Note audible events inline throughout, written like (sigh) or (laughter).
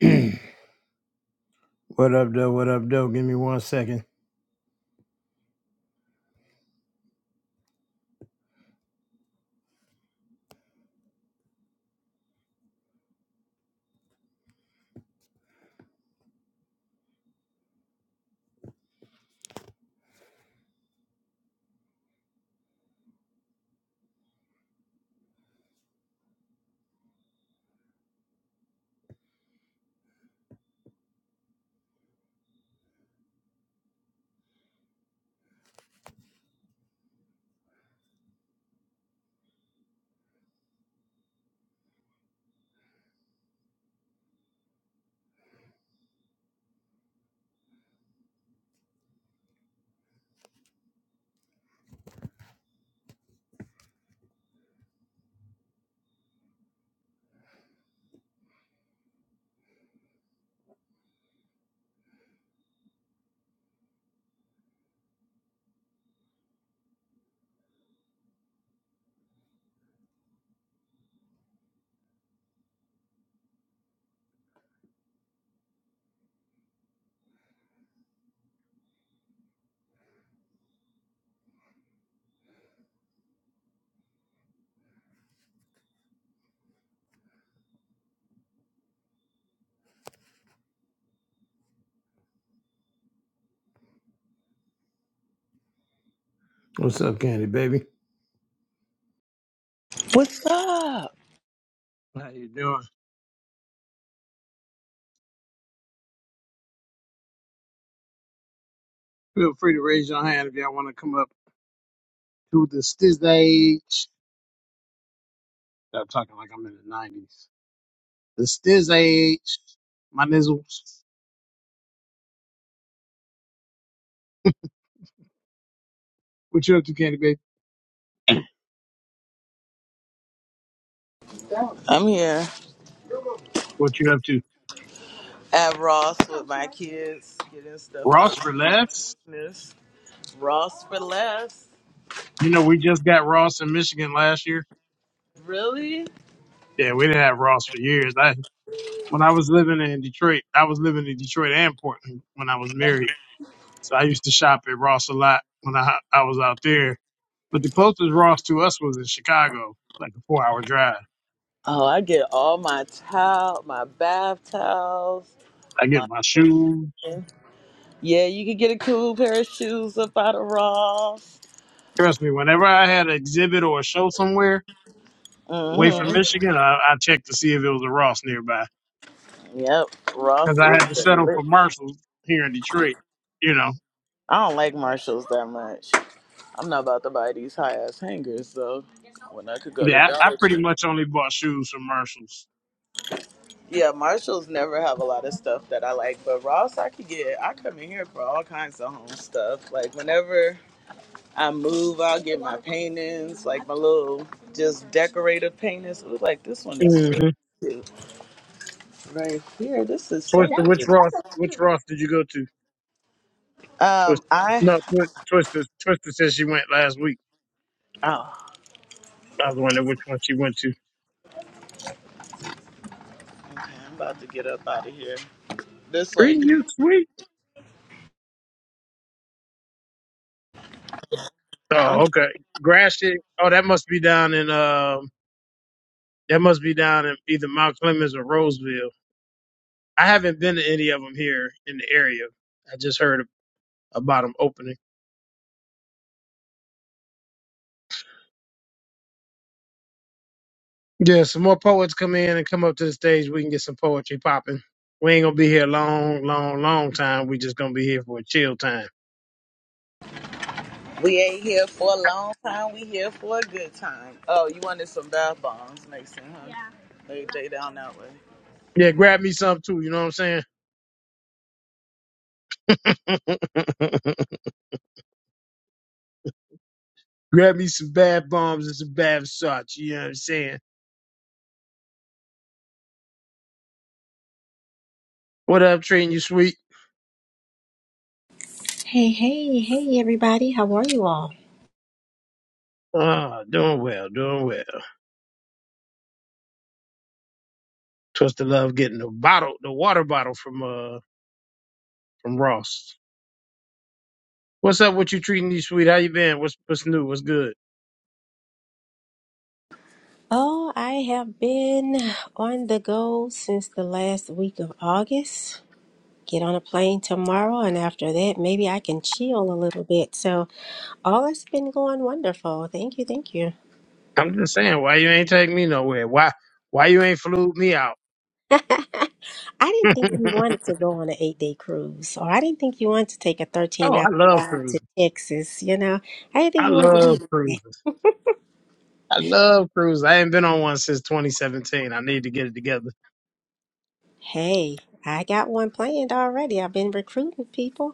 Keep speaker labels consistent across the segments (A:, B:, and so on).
A: (clears throat) what up, though? What up, though? Give me one second. What's up, Candy, baby?
B: What's up?
A: How you doing? Feel free to raise your hand if y'all want to come up to the Stiz Age. Stop talking like I'm in the nineties. The Stiz Age. My nizzles. What you up to, Candy Baby?
B: I'm here
A: What you up to?
B: at Ross with my kids, getting stuff out
A: Ross for
B: of my
A: less?
B: business. Ross for less.
A: You know, we just got Ross in Michigan last year.
B: Really?
A: Yeah, we didn't have Ross for years. I when I was living in Detroit, I was living in Detroit and Portland when I was married. So I used to shop at Ross a lot when I I was out there. But the closest Ross to us was in Chicago, like a four hour drive.
B: Oh, I get all my towel, my bath towels,
A: I get
B: my
A: my shoes.
B: yeah. You can get a cool pair of shoes up out of Ross.
A: Trust me, whenever I had an exhibit or a show somewhere away from
B: Mhm.
A: Michigan, I, I checked to see if it was a Ross nearby
B: Yep.
A: because
B: Ross
A: I
B: is
A: had to
B: the
A: settle
B: lit.
A: for Marshalls here in Detroit. You know,
B: I don't like Marshalls that much. I'm not about to buy these high ass hangers though. When I could go to
A: yeah, I, I
B: Dollar
A: pretty
B: Tree.
A: much only bought shoes from Marshalls.
B: Yeah, Marshalls never have a lot of stuff that I like, but Ross, I could get. I come in here for all kinds of home stuff. Like whenever I move, I'll get my paintings, like my little just decorative paintings. Ooh, like this one is really
A: Mm-hmm.
B: cute right here. This is so.
A: Twister, which Ross, which
B: Cute.
A: Ross did you go to?
B: Um,
A: Twister,
B: I
A: no, Twi- Twister. Twister said she went last week.
B: oh,
A: I was wondering which one she went to.
B: okay, I'm about to get up out of here. This way,
A: Treating
B: people.
A: you sweet.
B: I'm-
A: Oh, okay. Gratiot. Oh, that must be down in um. That must be down in either Mount Clemens or Roseville. I haven't been to any of them here in the area. I just heard about them opening. Yeah, some more poets come in and come up to the stage. We can get some poetry popping. We ain't gonna be here long, long, long time. We just gonna be here for a chill time.
B: we ain't here for a long time. We here for a good time. Oh, you wanted some bath bombs, Mason? Huh? Yeah. They they down that way.
A: Yeah, grab me some too. You know what I'm saying? (laughs) grab me some bad bombs and some bad shots. You know what I'm saying? What up, treating you sweet?
C: Hey, hey, hey, everybody. How are you all?
A: Ah, doing well, doing well. Twister Love getting the bottle, the water bottle from uh from Ross. What's up? What you treating you sweet? How you been? What's what's new? What's good?
C: Oh, I have been on the go since the last week of August. Get on a plane tomorrow, and after that, maybe I can chill a little bit. So, all has been going wonderful. Thank you, thank you.
A: I'm just saying, why you ain't take me nowhere? Why why you ain't flew me out?
C: I didn't think
A: (laughs)
C: you wanted to go on an eight day cruise, or I didn't think you wanted to take a 13
A: Oh,
C: hour
A: I love
C: ride to
A: cruising.
C: Texas. You know, I didn't think
A: I
C: you wanted to do
A: love
C: that.
A: cruising. I love cruising. I ain't been on one since 2017. I need to get it together.
C: Hey, I got one planned already. I've been recruiting people.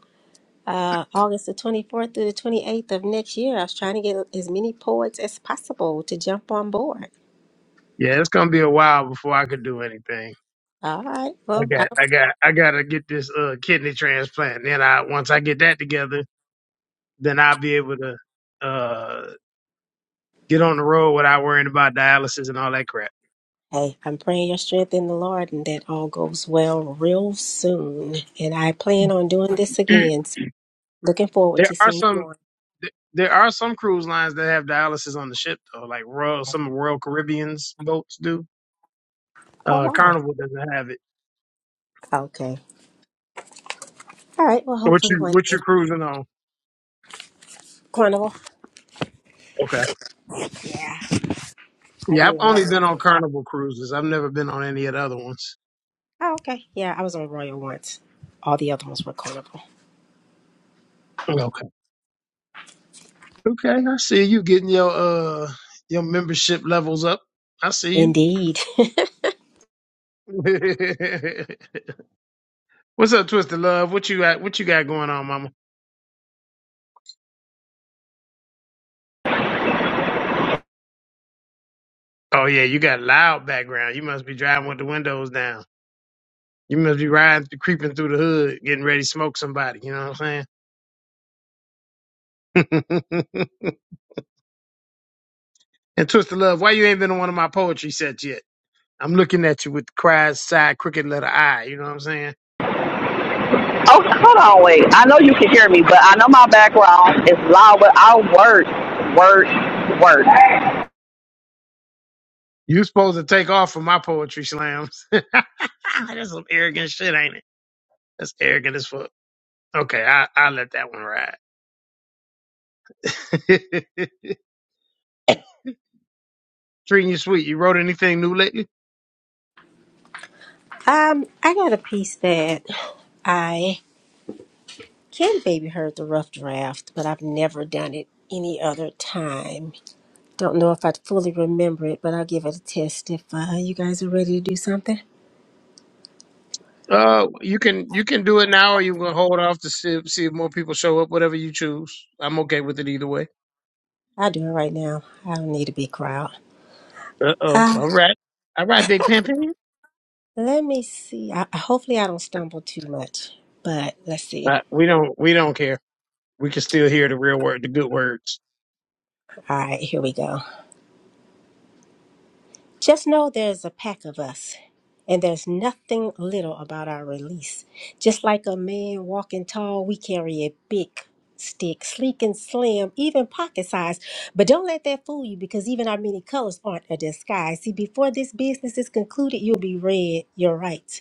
C: uh, August the 24th through the 28th of next year. I was trying to get as many poets as possible to jump on board.
A: Yeah, it's gonna be a while before I could do anything.
C: All right.
A: I
C: Well, I-
A: got, I got, I gotta get this uh, kidney transplant. Then I, once I get that together, then I'll be able to. Uh, get on the road without worrying about dialysis and all that crap.
C: hey, I'm praying your strength in the Lord and that all goes well real soon. And I plan on doing this
A: (clears throat)
C: again. So looking forward
A: there
C: to
A: are
C: seeing you
A: some
C: on.
A: there are some cruise lines that have dialysis on the ship though, like Royal some Royal Caribbean's boats do.
C: Oh,
A: Uh,
C: wow.
A: Carnival doesn't have it.
C: Okay. All right. Well,
A: What
C: hopefully
A: you
C: one
A: what
C: day.
A: you cruising on?
C: Carnival.
A: Okay.
C: Yeah, I
A: Yeah, I've
C: did
A: only
C: Royal.
A: been on Carnival cruises. I've never been on any of the other ones.
C: Oh, okay. Yeah, I was on Royal once. All the other ones were Carnival.
A: Okay. Okay, I see you getting your uh your membership levels up. I see
C: Indeed. (laughs)
A: you. (laughs) What's up, Twisted Love? What you got? What you got going on, Mama? Oh yeah, you got loud background. You must be driving with the windows down. You must be riding, creeping through the hood, getting ready to smoke somebody. You know what I'm saying? (laughs) and twist of love. Why you ain't been on one of my poetry sets yet? I'm looking at you with the cries, side, crooked letter I. You know what I'm saying?
D: Oh, hold on, wait. I know you can hear me, but I know my background is loud, but i work, work, work.
A: You supposed to take off from my poetry slams. (laughs) That's some arrogant shit, ain't it? That's arrogant as fuck. Okay, I I let that one ride. (laughs) Treating you sweet. You wrote anything new lately?
C: um, I got a piece that. I. Can baby heard the rough draft, but I've never done it any other time. Don't know if I fully remember it, but I'll give it a test if uh, you guys are ready to do something.
A: Uh, you can you can do it now, or you can hold off to see see if more people show up. Whatever you choose, I'm okay with it either way.
C: I'll do it right now. I don't need a big crowd.
A: Uh oh.
C: Uh,
A: All right. All right, Big Pimpin.
C: let me see. I, hopefully, I don't stumble too much, but let's see.
A: Uh, we don't we don't care. We can still hear the real word, the good words.
C: All right, here we go. Just know there's a pack of us, and there's nothing little about our release. Just like a man walking tall, we carry a big stick, sleek and slim, even pocket size. But don't let that fool you because even our many colors aren't a disguise. See, before this business is concluded, you'll be red, you're right.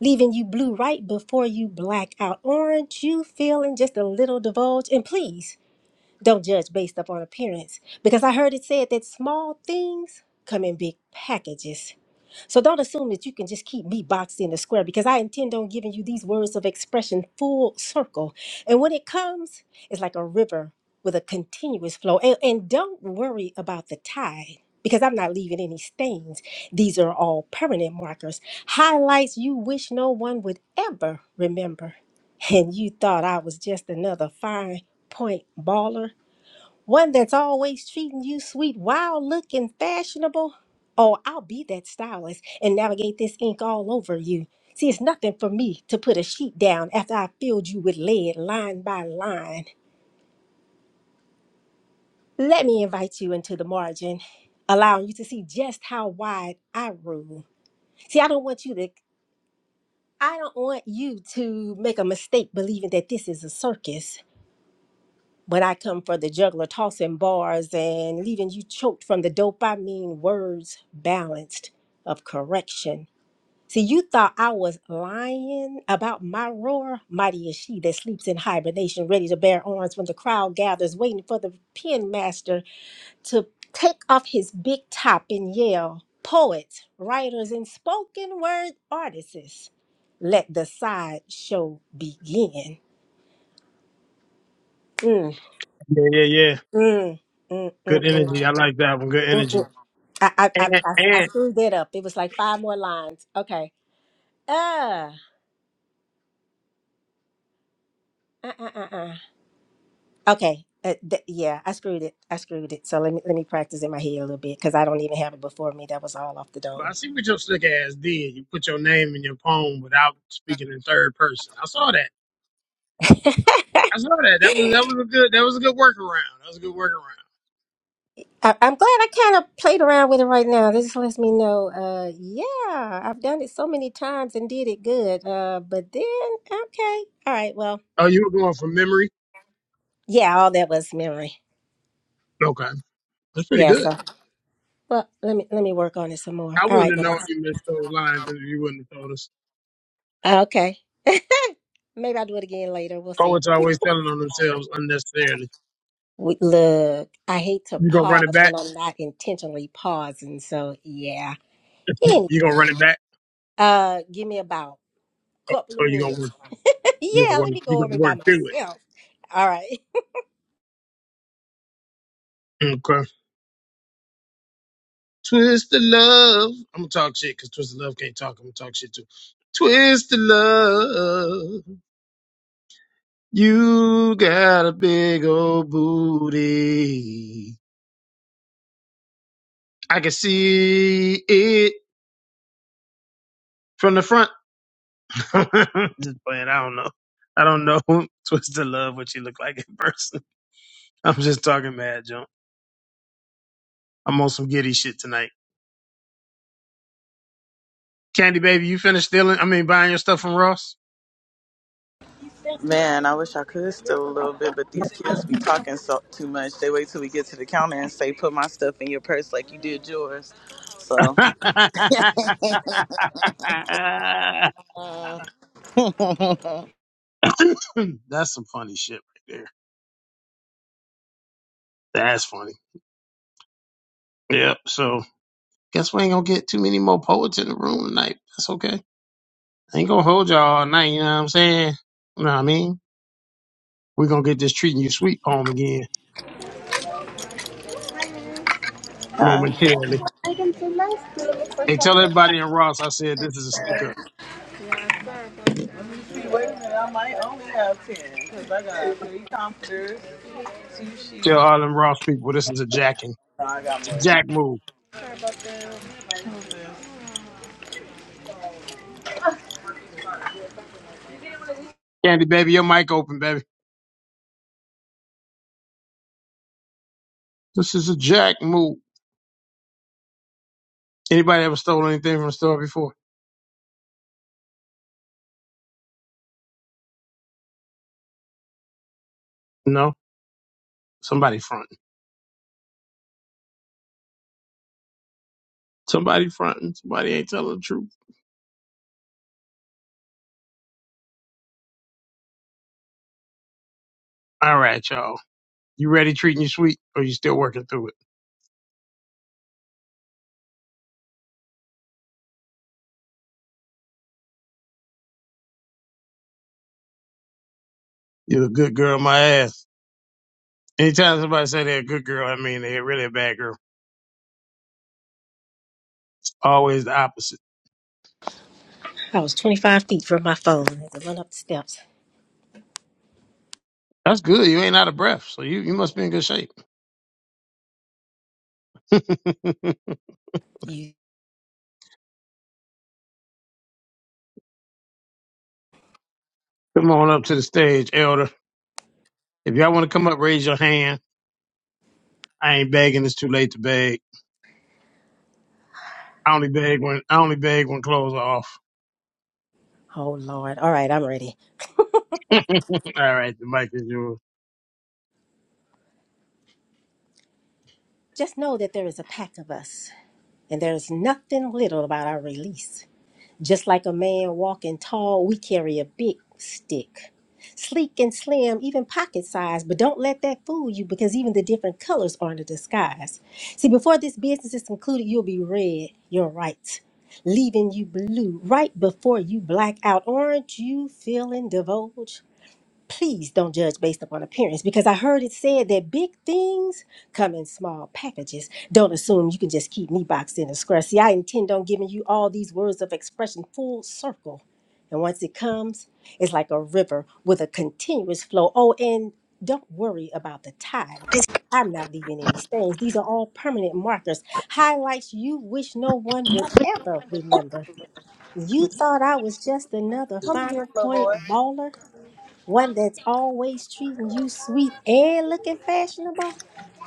C: Leaving you blue right before you black out orange, you feeling just a little divulge. And please, don't judge based upon appearance because I heard it said that small things come in big packages. So don't assume that you can just keep me boxed in the square because I intend on giving you these words of expression full circle. And when it comes, it's like a river with a continuous flow. And, and don't worry about the tide because I'm not leaving any stains. These are all permanent markers, highlights you wish no one would ever remember. And you thought I was just another fine point baller? One that's always treating you sweet, wild looking, fashionable. Oh, I'll be that stylist and navigate this ink all over you. See, it's nothing for me to put a sheet down after I filled you with lead line by line. Let me invite you into the margin, allowing you to see just how wide I rule. See, I don't want you to I don't want you to make a mistake believing that this is a circus. But I come for the juggler tossing bars and leaving you choked from the dope. I mean, words balanced of correction. See, you thought I was lying about my roar. Mighty is she that sleeps in hibernation, ready to bear arms when the crowd gathers, waiting for the pen master to take off his big top and yell. Poets, writers, and spoken word artists, let the sideshow begin. Mm,
A: Yeah, yeah, yeah.
C: mm, mm,
A: Good
C: mm,
A: energy. I like that one. Good
C: mm.
A: energy.
C: I I I,
A: And
C: I, I
A: and
C: screwed that up. It was like five more lines. Okay. Uh, uh, uh, uh, uh. Okay. Uh, th- yeah, I screwed it. I screwed it. So let me let me practice in my head a little bit because I don't even have it before me. That was all off the
A: but I
C: dome.
A: see what your slick ass did. You put your name in your poem without speaking in third person. I saw that.
C: (laughs) I,
A: I saw that. That was that was a good that was a good workaround. That was a good workaround.
C: I'm glad I kind of played around with it right now. This lets me know. Uh, yeah, I've done it so many times and did it good. Uh, but then okay, all right. Well,
A: Oh, you were going from memory.
C: yeah, all that was memory.
A: Okay, that's pretty
C: Yeah.
A: good.
C: So well, let me let me work on it some more.
A: I
C: All
A: wouldn't
C: right,
A: have known
C: guys.
A: you missed those lines if you wouldn't have told us.
C: Okay. Maybe I'll do it again later. We'll see.
A: Poets always telling on themselves unnecessarily.
C: We, look, I hate to
A: You gonna run it
C: pause
A: back?
C: when I'm not intentionally pausing. So yeah.
A: You gonna
C: Anyway,
A: run it back,
C: uh, give me about a couple of
A: or you gonna
C: minutes.
A: work?
C: (laughs)
A: You
C: yeah,
A: gonna work?
C: let me
A: You
C: go
A: gonna
C: over it by
A: work through it?
C: myself. All right.
A: Okay. Twist the love. I'm gonna talk shit because twist the love can't talk. I'm gonna talk shit too. Twist the love. You got a big old booty. I can see it from the front. (laughs) Just playing. I don't know. I don't know. (laughs) Twist the love. What you look like in person. I'm just talking mad junk. I'm on some giddy shit tonight. Candy baby, you finished stealing? I mean, buying your stuff from Ross?
B: Man, I wish I could still a little bit, but these kids be talking so too much. They wait till we get to the counter and say, "Put my stuff in your purse like you did yours."
A: (laughs)
B: So,
A: That's some funny shit right there. That's funny. Yep. So guess we ain't gonna get too many more poets in the room tonight. That's okay. Ain't gonna hold y'all all night. You know what I'm saying? You know what I mean? We're gonna get this treating you sweet poem again
B: hi.
A: momentarily.
B: I can do my still look for
A: Hey,
B: something.
A: tell everybody in Ross I said this is a stick up.
B: See, wait a minute, I might only have ten because I got three comforters, two sheets.
A: Tell all them Ross people this is a jacking. It's a jack move.
B: who's this?
A: Candy baby, your mic open, baby. This is a jack move. Anybody ever stole anything from a store before? No. Somebody fronting. Somebody fronting. Somebody ain't telling the truth. All right, y'all. You ready treating you sweet or you still working through it? You're a good girl, my ass. Anytime somebody say they're a good girl, I mean they're really a bad girl. Always the opposite.
C: I was 25 feet from my phone I had to run up the steps.
A: That's good. You ain't out of breath, so you, you must be in good shape. (laughs) come
C: You,
A: on up to the stage, Elder. If y'all want to come up, raise your hand. I ain't begging. It's too late to beg. I only beg when I only beg when clothes are off.
C: oh Lord. All right, I'm ready.
A: All right, the mic is yours.
C: Just know that there is a pack of us, and there is nothing little about our release. Just like a man walking tall, we carry a big stick. Sleek and slim, even pocket size, but don't let that fool you because even the different colors aren't a disguise. See, before this business is concluded, you'll be red, you're right, leaving you blue right before you black out. Aren't you feeling divulge? please don't judge based upon appearance because I heard it said that big things come in small packages. Don't assume you can just keep me boxed in a square. See, I intend on giving you all these words of expression full circle. And once it comes, it's like a river with a continuous flow. Oh, and don't worry about the tide. I'm not leaving any stains. These are all permanent markers, highlights you wish no one would ever remember. You thought I was just another
B: Come here,
C: fine
B: little
C: point
B: boy.
C: baller? one that's always treating you sweet and looking fashionable.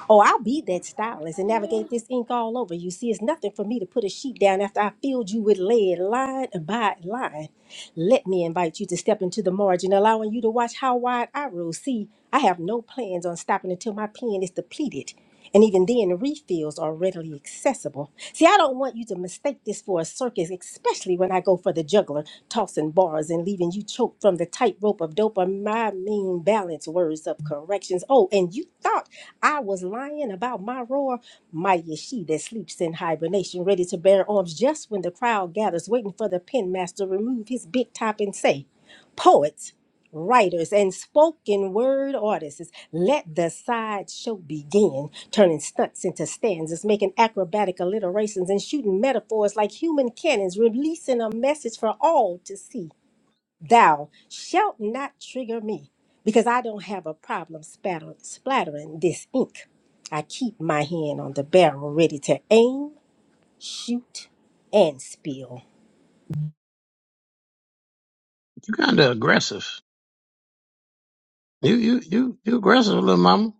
C: Oh, I'll be that stylist and navigate this ink all over. You see, it's nothing for me to put a sheet down after I filled you with lead line by line. Let me invite you to step into the margin, allowing you to watch how wide I roll. See, I have no plans on stopping until my pen is depleted. And even then, refills are readily accessible. See, I don't want you to mistake this for a circus, especially when I go for the juggler, tossing bars and leaving you choked from the tightrope of dope or my mean balance words of corrections. Oh, and you thought I was lying about my roar. Mighty is she that sleeps in hibernation, ready to bear arms just when the crowd gathers, waiting for the pen master to remove his big top and say, Poets, writers, and spoken word artists, let the sideshow begin, turning stunts into stanzas, making acrobatic alliterations, and shooting metaphors like human cannons, releasing a message for all to see. Thou shalt not trigger me, because I don't have a problem spatter- splattering this ink. I keep my hand on the barrel ready to aim, shoot, and spill.
A: You kind of aggressive. You you you you aggressive, little mama.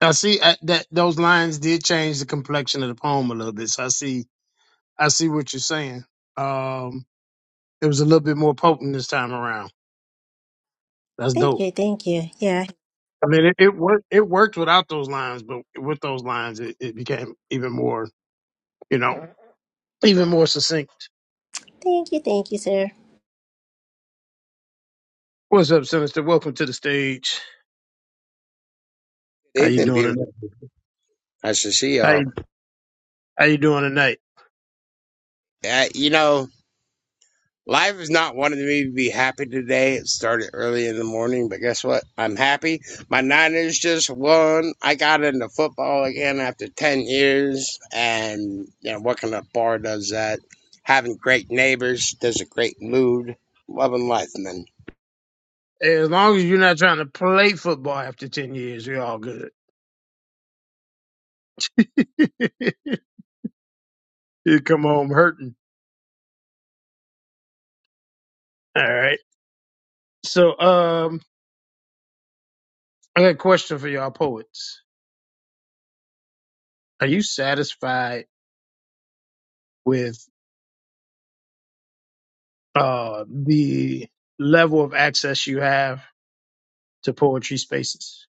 A: I see uh, that those lines did change the complexion of the poem a little bit. So I see I see what you're saying. Um, it was a little bit more potent this time around. That's
C: Thank
A: dope.
C: you, thank you. Yeah,
A: I mean, it, it worked. It worked without those lines, but with those lines, it, it became even more, you know, even more succinct.
C: thank you, thank you, sir.
A: What's up, Sinister? Welcome to the stage. How
E: They've
A: you
E: been
A: doing
E: beautiful.
A: tonight?
E: Nice to see
A: How
E: y'all.
A: you, how you doing tonight?
E: Uh, you know, life is not wanting me to be happy today. It started early in the morning, but guess what? I'm happy. My Niners just won. I got into football again after 10 years. And, you know, working at a bar does that. Having great neighbors does a great mood. Loving life, man.
A: As long as you're not trying to play football after ten years, you're all good. (laughs) You come home hurting. All right. So, um, I got a question for y'all poets. Are you satisfied with uh the level of access you have to poetry spaces?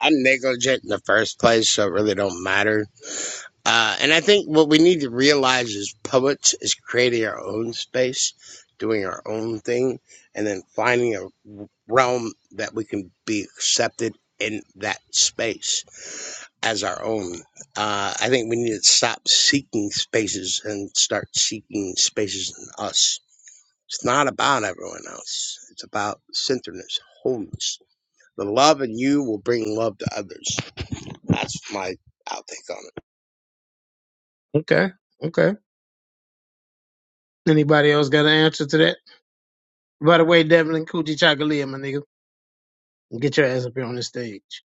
E: I'm negligent in the first place, so it really don't matter. Uh, and I think what we need to realize is, poets is creating our own space, doing our own thing, and then finding a realm that we can be accepted in that space as our own. Uh, I think we need to stop seeking spaces and start seeking spaces in us. It's not about everyone else, it's about centeredness, wholeness. The love in you will bring love to others. That's my outtake on it.
A: Okay. Okay. Anybody else got an answer to that? By the way, Devlin Coochie Chocolate, my nigga, get your ass up here on this stage.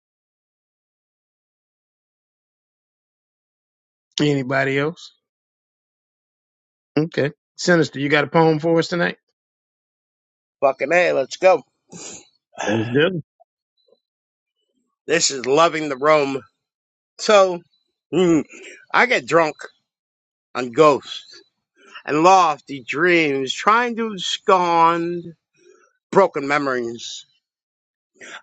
A: Anybody else? Okay. Sinister, you got a poem for us tonight?
E: Fucking A, let's go. (sighs)
A: That's good.
E: This is loving the room. So, mm, I get drunk on ghosts and lofty dreams, trying to scorn broken memories.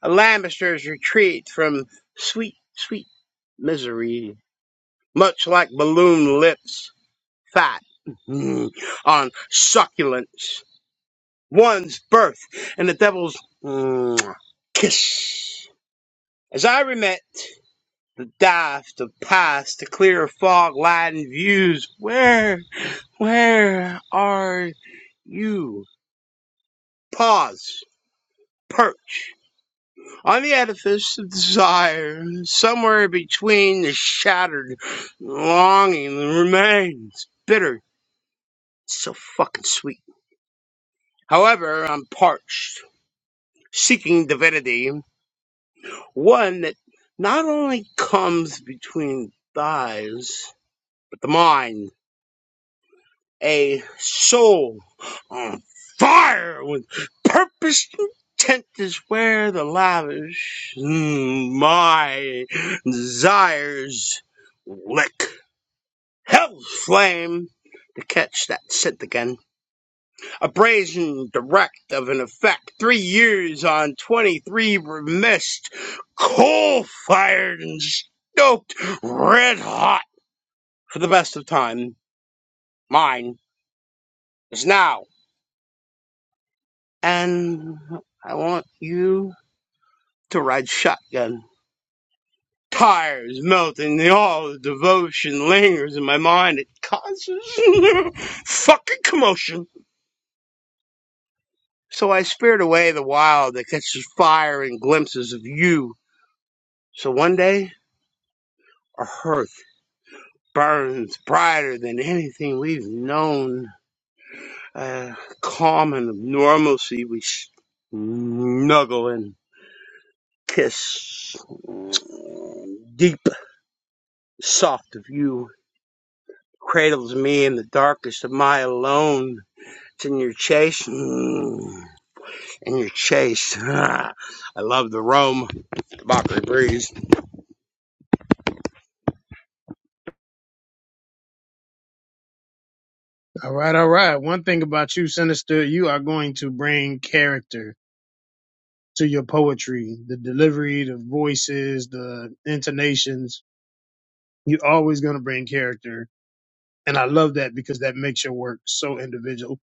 E: A Lambester's retreat from sweet, sweet misery, much like balloon lips, fat mm, on succulence. One's birth and the devil's mm, kiss. As I remit. the dive, the past, the clear fog lightened views. Where, where are you? Pause, perch on the edifice of desire, somewhere between the shattered longing that remains. Bitter, so fucking sweet. However, I'm parched, seeking divinity, one that not only comes between thighs, but the mind. a soul on fire with purpose intent is where the lavish mm, my desires lick hell's flame to catch that scent again a brazen direct of an effect three years on 23 remissed coal fired and stoked red hot for the best of time mine is now and I want you to ride shotgun. Tires melting, the all the devotion lingers in my mind. It causes (laughs) fucking commotion. So I spirit away the wild that catches fire in glimpses of you. So one day, a hearth burns brighter than anything we've known. A calm and of normalcy we snuggle and kiss. Deep soft of you cradles me in the darkest of my alone. It's in your chase, mm, in your chase. (laughs) I love the Rome, the Mockery Breeze.
A: All right, all right. One thing about you, Sinister, you are going to bring character to your poetry, the delivery, the voices, the intonations. You're always going to bring character. And I love that because that makes your work so individual.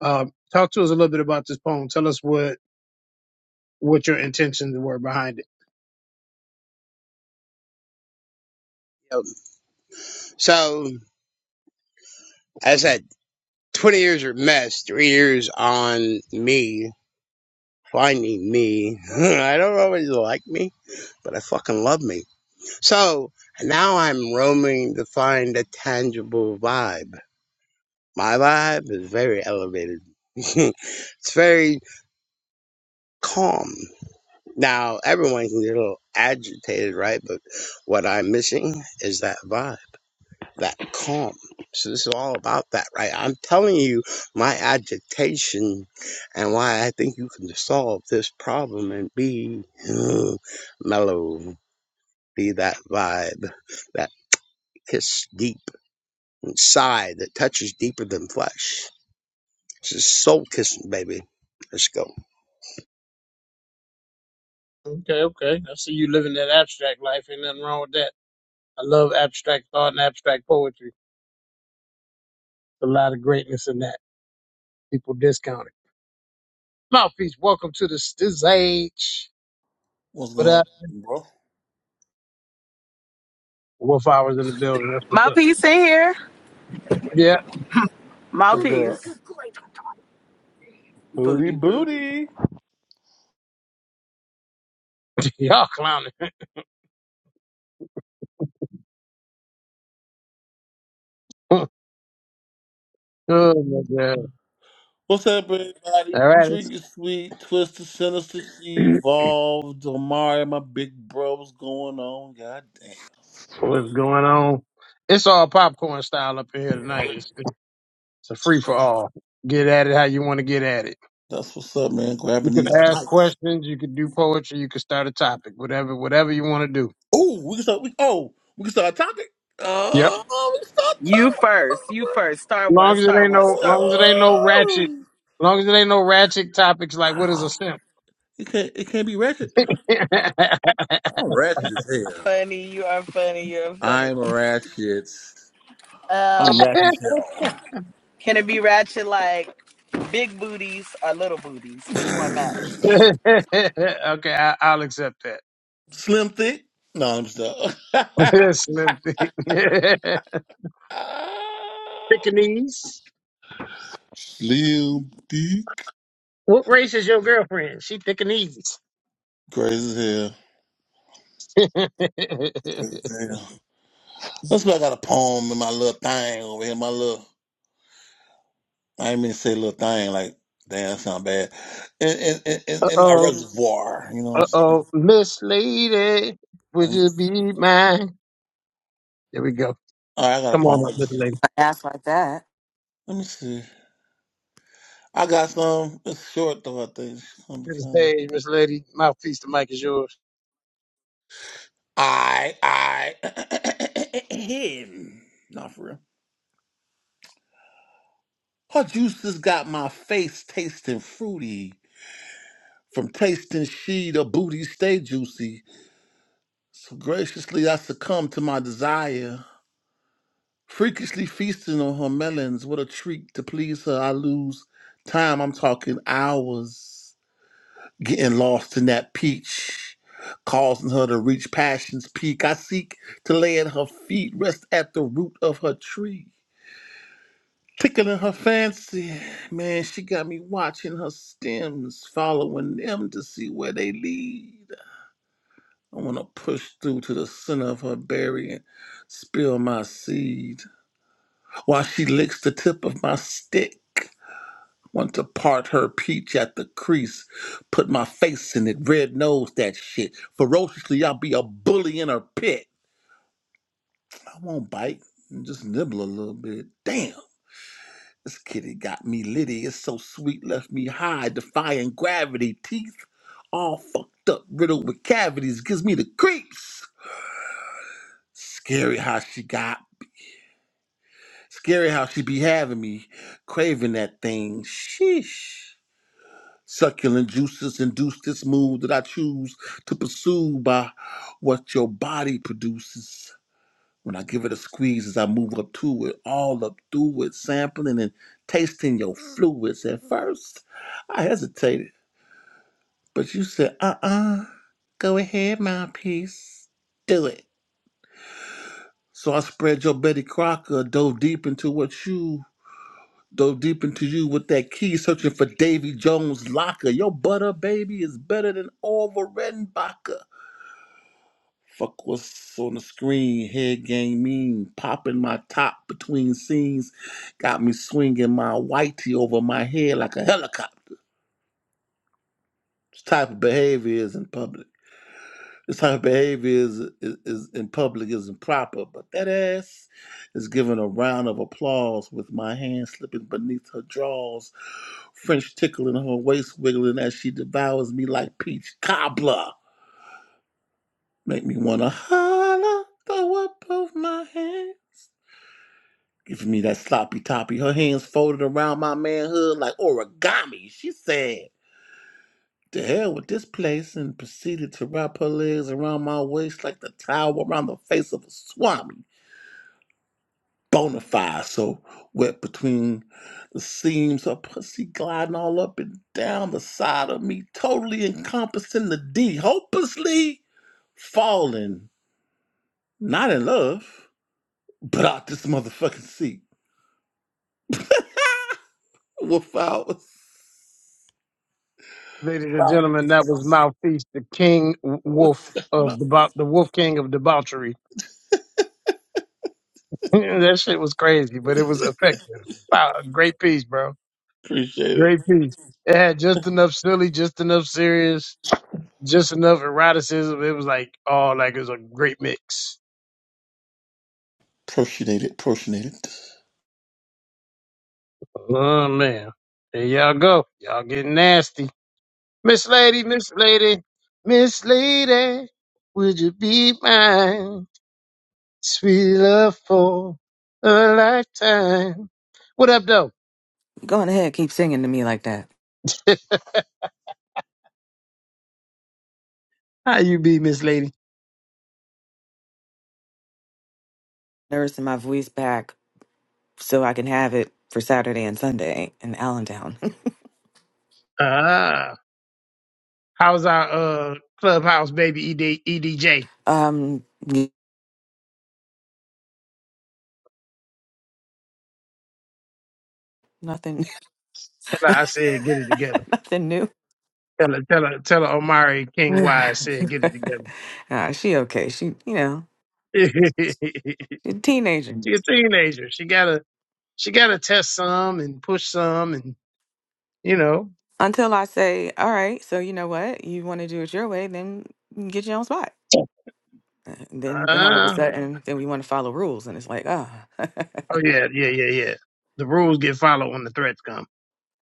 A: Um, talk to us a little bit about this poem. Tell us what, what your intentions were behind it.
E: Yep. So, as I said, 20 years are missed, three years on me, finding me. (laughs) I don't always like me, but I fucking love me. So, now I'm roaming to find a tangible vibe. My vibe is very elevated. (laughs) it's very calm. Now, everyone can get a little agitated, right? But what I'm missing is that vibe, that calm. So this is all about that, right? I'm telling you my agitation and why I think you can solve this problem and be uh, mellow, be that vibe, that kiss deep inside that touches deeper than flesh. This is soul kissing, baby. Let's go.
A: Okay, okay. I see you living that abstract life. Ain't nothing wrong with that. I love abstract thought and abstract poetry. There's A lot of greatness in that. People discount it. Mouthpiece, welcome to the this age.
F: What's
A: What
F: going
A: up?
F: on, bro?
A: Wolf hours in the building. That's what's up.
B: Mouthpiece in here.
A: Yeah,
F: What's
B: Mouthpiece.
F: up?
B: (laughs)
F: Booty
B: Booty, booty.
F: booty.
A: (laughs) y'all clowning. (laughs) Oh my god!
F: What's up, everybody?
A: All right, it's-
F: Trigger Sweet, Twister, Sinister,
A: (clears throat)
F: Evolved, Omari, my big bro. What's going on? God
A: what's going on? It's all popcorn style up in here
F: damn.
A: tonight. It's, it's a free for all. Get at it how you want to get at it.
F: That's what's up, man.
A: You
F: Grabbing
A: can
F: these
A: ask
F: mics.
A: questions. You can do poetry. You can start a topic. Whatever, whatever you want to do.
F: Oh, we can start. We, oh, we can start talking.
A: Yep.
F: Oh, we can start
B: You first. You
F: talking.
B: first. Star one.
A: Long as it
B: Star
A: ain't
B: one.
A: no,
B: Star
A: long
B: one.
A: as it ain't no ratchet.
F: Oh. (sighs)
A: Long as it ain't no ratchet topics like what is a simp.
F: It can't. It can't be ratchet.
A: (laughs)
F: I'm ratchet as hell.
B: Funny. You are funny. You're funny.
F: I'm ratchet. I'm
B: Um,
F: ratchet
A: okay,
F: as
B: can it be ratchet like? Big booties or little booties? Which
F: hell.
B: one matters?
A: I, I'll accept that.
F: Slim Thick? No, I'm just
A: (laughs) Slim thing. (laughs)
F: (laughs)
A: Pekingese.
F: Slim Thick.
A: What race is your girlfriend? She thick and easy.
F: Crazy as hell.
A: (laughs) uh
F: Crazy as hell. That's why I got a poem in my little thing over here. My little, I ain't mean to say little thing, like, damn, that sound bad. In, in, in, in in my
A: oh,
F: reservoir, you know what I'm
A: uh
F: saying?
A: oh, Miss Lady, would
F: I'm-
A: you be mine? There we go.
F: all right, I got
A: Come
F: a
A: on
F: poem.
A: up, Miss Lady.
G: ask like that.
F: Let me see. I got some. It's short, though, I think. It's gonna be
A: To the
F: kind of.
A: stage, Miss Lady. Mouthpiece, the mic is yours.
F: I, I, (clears throat) not for real. Her juices got my face tasting fruity. From tasting she, the booty stay juicy. So graciously I succumb to my desire. Freakishly feasting on her melons, what a treat to please her. I lose time, I'm talking hours. Getting lost in that peach, causing her to reach passion's peak. I seek to lay at her feet, rest at the root of her tree. Tickling her fancy. Man, she got me watching her stems, following them to see where they lead. I want to push through to the center of her berry and spill my seed. While she licks the tip of my stick. Want to part her peach at the crease. Put my face in it, red nose that shit. Ferociously, I'll be a bully in her pit. I won't bite, just nibble a little bit. Damn. This kitty got me litty. It's so sweet, left me high, defying gravity. Teeth all fucked up, riddled with cavities. Gives me the creeps. Scary how she got. Scary how she be having me, craving that thing. Sheesh. Succulent juices induce this mood that I choose to pursue by what your body produces. When I give it a squeeze as I move up to it, all up through it, sampling and tasting your fluids. At first, I hesitated, but you said, uh uh go ahead, mouthpiece, do it. So I spread your Betty Crocker, dove deep into what you, dove deep into you with that key, searching for Davy Jones' locker. Your butter, baby, is better than Orville Redenbacher. Fuck what's on the screen, head game mean, popping my top between scenes, got me swinging my whitey over my head like a helicopter. This type of behavior is in public. This type of behavior is, is, is in public is improper, but that ass is giving a round of applause with my hand slipping beneath her drawers, French tickling her waist wiggling as she devours me like peach cobbler. Make me wanna holler, throw up both my hands. Giving me that sloppy toppy. Her hands folded around my manhood like origami. She said, To hell with this place, and proceeded to wrap her legs around my waist like the towel around the face of a swami. Bonafide, so wet between the seams, her pussy gliding all up and down the side of me, totally encompassing the D, hopelessly falling, not in love, but out this motherfucking seat. Wolf hours.
A: Ladies and
F: Wow.
A: gentlemen, that was Mouthpiece, the King Wolf
F: (laughs)
A: of debau- the Wolf King of debauchery. (laughs) that shit was crazy, but it was effective. Wow, great piece, bro.
F: Appreciate it.
A: Great piece. It had just enough silly, just enough serious, just enough eroticism. It was like, oh, like it was a great mix.
F: Appreciate it. Appreciate it.
A: Oh man, there y'all go. Y'all getting nasty, Miss Lady, Miss Lady, Miss Lady. Would you be mine, sweet love for a lifetime? What up, though?
G: Going ahead, keep singing to me like that.
A: (laughs) How you be, Miss Lady?
G: Nursing my voice back so I can have it for Saturday and Sunday in Allentown.
A: Ah, how's our uh clubhouse baby ED, EDJ?
G: (laughs) um, nothing,
A: Tell her I said get it together.
G: (laughs) nothing new.
A: Tell her, tell her, tell her Omari King
G: (laughs)
A: Wise said get it together.
G: Ah, she okay. She, you know,
A: (laughs) she
G: she's a teenager.
A: a teenager. She gotta she gotta test some and push some and you know.
G: Until I say, all right, so you know what? You want to do it your way, then you get your own spot. And then, then all of a
A: Uh,
G: sudden, then we want to follow rules, and it's like, ah, (laughs)
A: oh yeah, yeah, yeah, yeah. The rules get followed when the threats come.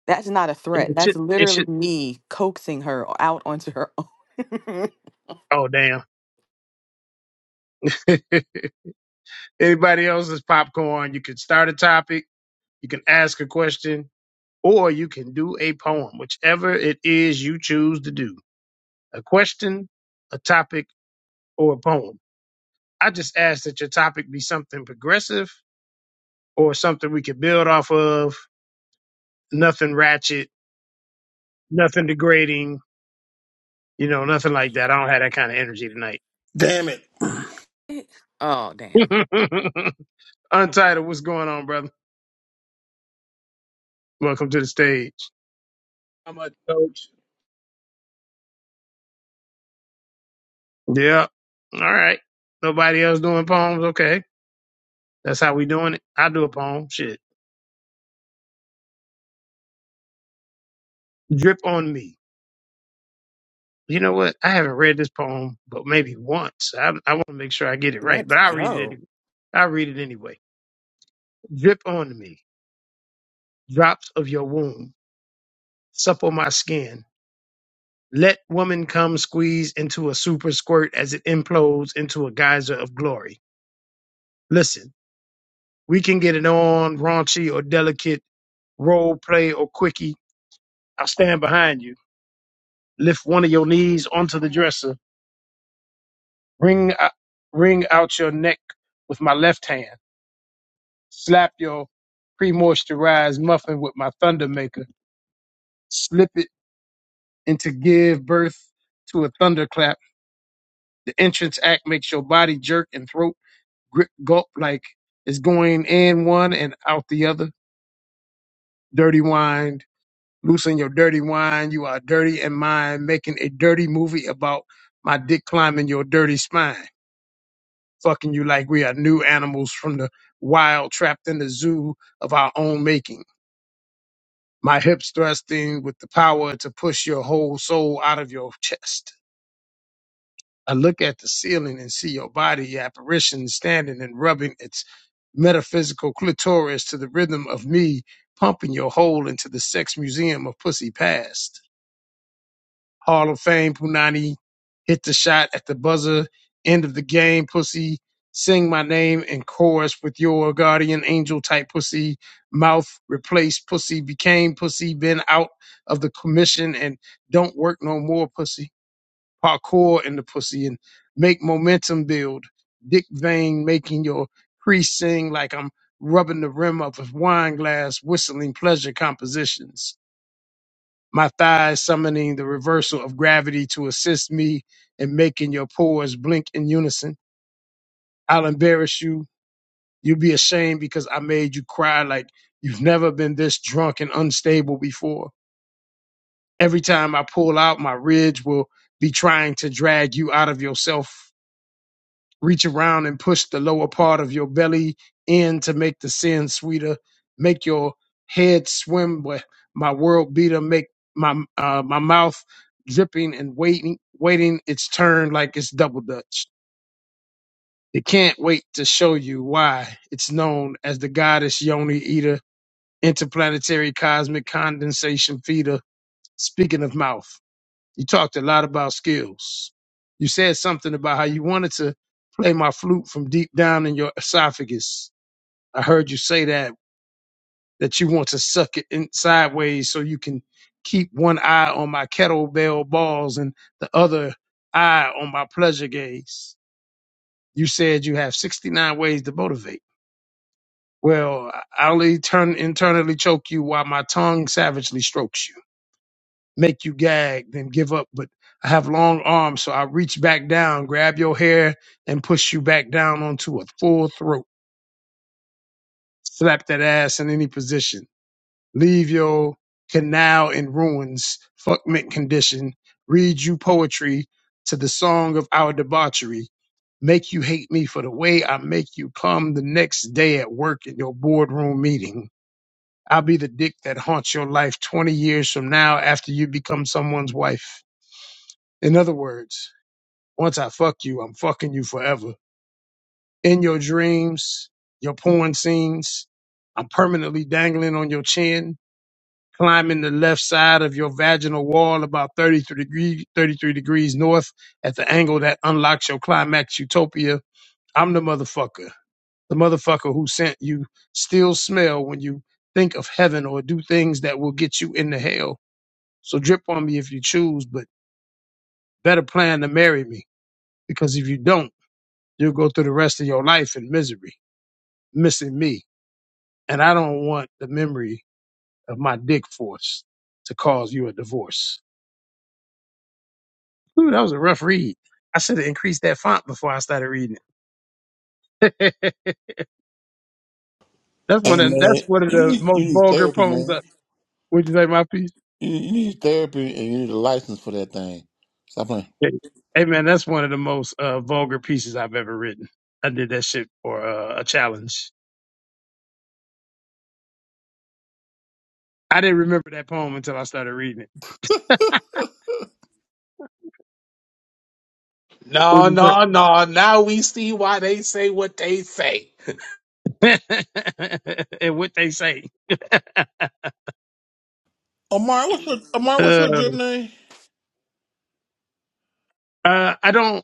G: that's not a
A: And
G: threat.
A: It
G: That's
A: should it
G: literally
A: should
G: me coaxing her out onto her own. (laughs)
A: oh damn. (laughs) Anybody else's popcorn, you can start a topic, you can ask a question, or you can do a poem, whichever it is you choose to do. A question, a topic, or a poem. I just ask that your topic be something progressive or something we could build off of. Nothing ratchet, nothing degrading, you know, nothing like that. I don't have that kind of energy tonight.
F: Damn it.
G: (laughs) Oh, damn.
A: (laughs) Untitled, what's going on, brother? Welcome to the stage.
H: I'm a coach.
A: Yeah. All right. Nobody else doing poems? Okay. That's how we doing it. I do a poem. Shit. Drip on me. You know what? I haven't read this poem, but maybe once. I, I want to make sure I get it right,
G: Let's
A: but I'll read it
G: go.
A: anyway. I'll read it anyway. Drip on me. Drops of your womb. Supple my skin Let woman come squeeze into a super squirt as it implodes into a geyser of glory. Listen, we can get it on raunchy or delicate, role play or quickie. I'll stand behind you. Lift one of your knees onto the dresser. Ring, o- wring out your neck with my left hand. Slap your pre-moisturized muffin with my thunder maker. Slip it into give birth to a thunderclap. The entrance act makes your body jerk and throat gri- gulp like it's going in one and out the other. Dirty wine, loosen your dirty wine. You are dirty in mind, making a dirty movie about my dick climbing your dirty spine, fucking you like we are new animals from the wild, trapped in the zoo of our own making. My hips thrusting with the power to push your whole soul out of your chest I look at the ceiling and see your body apparition standing and rubbing its metaphysical clitoris to the rhythm of me pumping your hole into the sex museum of pussy past. Hall of Fame, Punani, hit the shot at the buzzer, end of the game, pussy. Sing my name in chorus with your guardian angel type pussy. Mouth replaced pussy, became pussy, been out of the commission and don't work no more pussy parkour in the pussy and make momentum build. Dick vein making your crease sing like I'm rubbing the rim of a wine glass, whistling pleasure compositions. My thighs summoning the reversal of gravity to assist me in making your pores blink in unison. I'll embarrass you. You'll be ashamed because I made you cry like you've never been this drunk and unstable before. Every time I pull out, my ridge will be trying to drag you out of yourself reach around and push the lower part of your belly in to make the sin sweeter. Make your head swim with my world beater. Make my uh, my mouth dripping and waiting, waiting its turn like it's double dutch. It can't wait to show you why it's known as the goddess Yoni Eater, interplanetary cosmic condensation feeder. Speaking of mouth. You talked a lot about skills. You said something about how you wanted to play my flute from deep down in your esophagus. I heard you say that, that you want to suck it in sideways so you can keep one eye on my kettlebell balls and the other eye on my pleasure gaze. You said you have 69 ways to motivate. Well, I'll turn internally choke you while my tongue savagely strokes you. make you gag, then give up. But I have long arms, so I reach back down, grab your hair, and push you back down onto a full throat. Slap that ass in any position. Leave your canal in ruins, fuck mint condition. Read you poetry to the song of our debauchery. Make you hate me for the way I make you come the next day at work in your boardroom meeting. I'll be the dick that haunts your life 20 years from now after you become someone's wife. In other words, once I fuck you, I'm fucking you forever. In your dreams, your porn scenes, I'm permanently dangling on your chin, climbing the left side of your vaginal wall about 33 degrees, 33 degrees north at the angle that unlocks your climax utopia. I'm the motherfucker. The motherfucker who sent you still smell when you think of heaven or do things that will get you into hell. So drip on me if you choose, but better plan to marry me. Because if you don't, You'll go through the rest of your life in misery, missing me. And I don't want the memory of my dick force to cause you a divorce. Ooh, that was a rough read. I should have increased that font before I started reading it. (laughs) that's one
F: Hey,
A: of that's
F: man.
A: one of
F: You
A: the
F: need, you
A: most
F: need
A: vulgar
F: therapy,
A: poems. I,
F: man.
A: would you say my piece?
F: You, you need therapy and you need a license for that thing. Stop playing.
A: Yeah. Hey man, that's one of the most uh, vulgar pieces I've ever written. I did that shit for uh, a challenge. I didn't remember that poem until I started reading it. What'd
H: No,
A: you
H: no, no. Now we see why they say what they say.
A: say? (laughs) and what they say. (laughs)
F: Omar, what's your, Omar, what's
A: Uh,
F: your drip name?
A: Uh, I don't.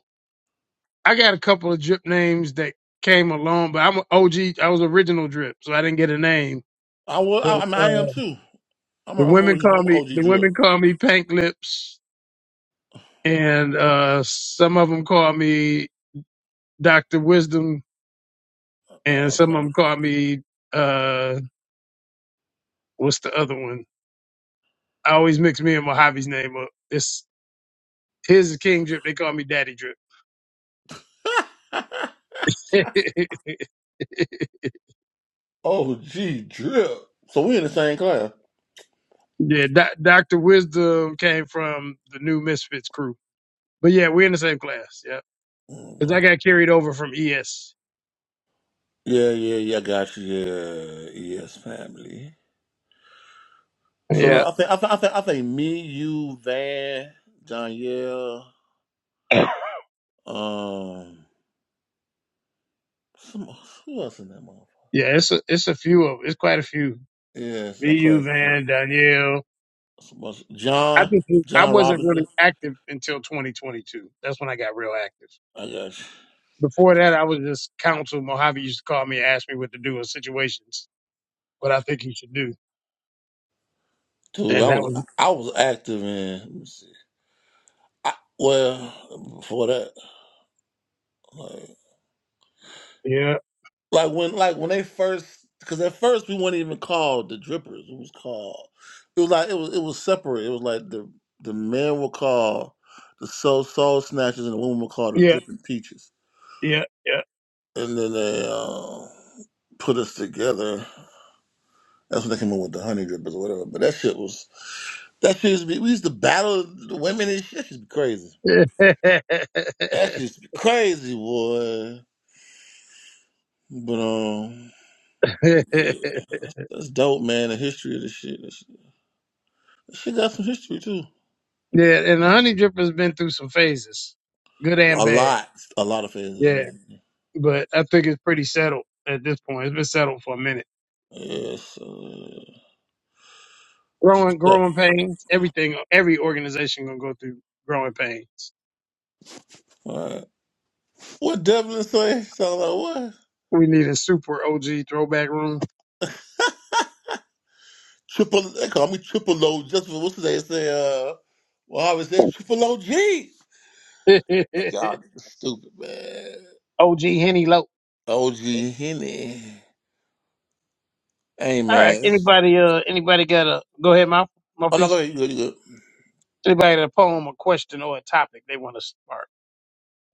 A: I got a couple of drip names that came along, but I'm a OG. I was original drip, so I didn't get a name.
F: I will,
A: But
F: I, I mean, I am
A: uh,
F: too. I'm a,
A: the
F: I'm
A: women
F: original.
A: call
F: I'm a
A: me.
F: OG
A: The
F: drip.
A: women call me Pink Lips, and uh, some of them call me Doctor Wisdom, and
F: Oh,
A: some of them call me uh, what's the other one? I always mix me and Mojave's name up. It's his is King Drip. They call me Daddy Drip.
F: sorry.
A: (laughs)
F: (laughs) OG drip. So we in the same class.
A: yeah, Doctor Wisdom came from the New Misfits crew. But yeah, we're in the same class. Yeah, because I
F: Mhm.
A: got carried over from ES.
F: Yeah, yeah, yeah. I Got you. Yeah, yes, family. So
A: Yeah,
F: I think I think I think, I think me, you, Van, John,
A: (coughs) (clears throat) yeah.
F: Um, some, who else in that motherfucker?
A: It's a, it's a few of it's quite a few.
F: Yes,
A: Me,
F: I
A: you,
F: class ten.
A: Van, Danielle.
F: Some else-
A: I
F: John
A: think we- I
F: John
A: wasn't really
F: Robinson.
A: active until 2022. That's when I got real active.
F: I got you.
A: Before that, I was just counsel. Mojave used to call me and ask me what to do in situations, what I think you should do,
F: Dude,
A: and
F: I
A: that was
F: was I was active in. Let me see. I, well, before that, like
A: yeah,
F: like when like when they first, because at first we weren't even called the Drippers. It was called. It was like it was it was separate. It was like the the men were called the soul soul snatchers and the women were called the
A: yeah,
F: Dripping Peaches.
A: yeah, yeah.
F: And then they uh, put us together. That's when they came in with the honey drippers or whatever. But that shit was that shit used to be we used to battle the women and shit. That shit used to be crazy.
A: (laughs) yeah,
F: That shit used to be crazy, boy. But um
A: and
F: yeah, that's dope, man. The history of this shit. That shit, that shit got some history too.
A: the honey dripper's been through some phases, good and
F: A
A: bad.
F: lot. A lot of
A: Yeah,
F: phases, yeah.
A: but I think it's pretty settled at this point. It's been settled for a minute.
F: Yes. Uh,
A: Growing,
F: all
A: growing pains. Everything, every organization gonna go through growing pains.
F: right. What Devlin say? Sound like what?
A: We need a super OG throwback room.
F: Triple they call me triple O just for what's they say, uh well I was just triple OG.
A: (laughs) OG
F: Fuck Y'all niggas stupid, man.
A: Henny Low.
F: OG Henny. Hey
A: All right.
F: man.
A: Anybody? Uh, anybody got a? Go ahead, mouth,
F: Oh no, go
A: mouthpiece.
F: ahead. You good, you good.
A: Anybody got a poem, a question, or a topic they want to spark?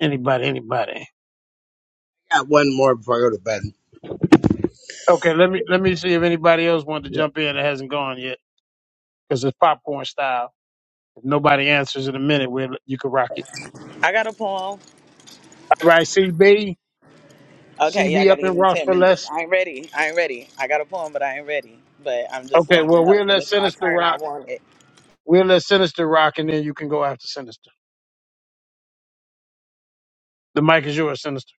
A: Anybody? Anybody?
E: Got one more before I go to bed.
A: Okay. Let me let me see if anybody else wanted to jump in that hasn't gone yet because it's popcorn style. If nobody answers in a minute, we'll, you can rock it.
B: I got a poem.
A: All right, CB.
B: Okay, yeah, I
A: CB up
B: gotta
A: in
B: give him
A: Rock
B: ten
A: for
B: minutes.
A: less.
B: I ain't ready. I ain't ready. I got a poem, but I ain't ready. But I'm just
A: Okay,
B: letting you
A: well
B: know
A: we'll
B: when
A: let
B: it's my
A: Sinister
B: turn, I
A: rock.
B: want it.
A: We'll let Sinister rock, and then you can go after Sinister. The mic is yours, Sinister.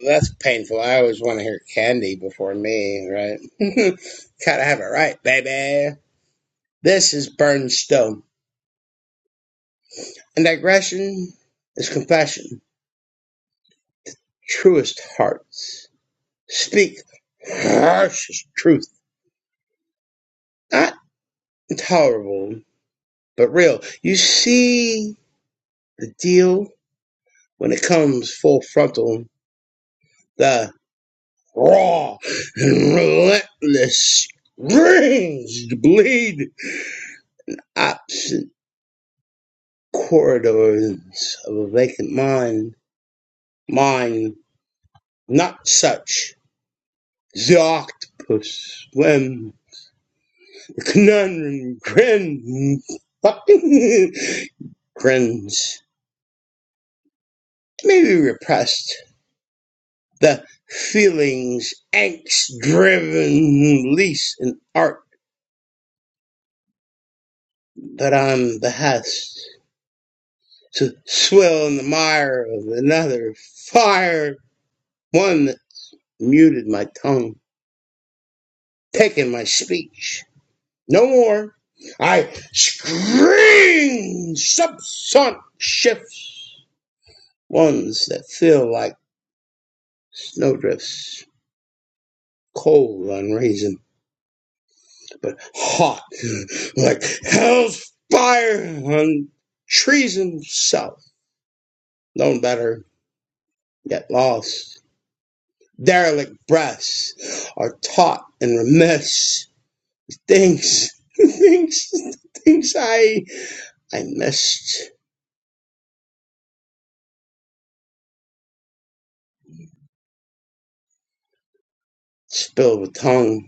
E: Well, that's painful. I always want to hear Candy before me, right? (laughs) Gotta have it right, baby. This is Burnstone. And digression is compassion. Truest hearts. Speak harshest truth. Not intolerable, but real. You see the deal when it comes full frontal. The raw and relentless screams bleed up. corridors of a vacant mine. Mine, not such. The octopus swim. The conundrum grin. Fucking (laughs) grins. Maybe repressed. The feelings, angst driven, lease in art that I'm behest. To swill in the mire of another fire. One that muted my tongue, taking my speech. No more. I scream subsonic shifts, ones that feel like snowdrifts, cold on raisin, but hot like hell's fire on treason south. Known better, yet lost. Derelict breaths are taught and remiss. Things, (laughs) things, things I, I missed. Spilled with tongue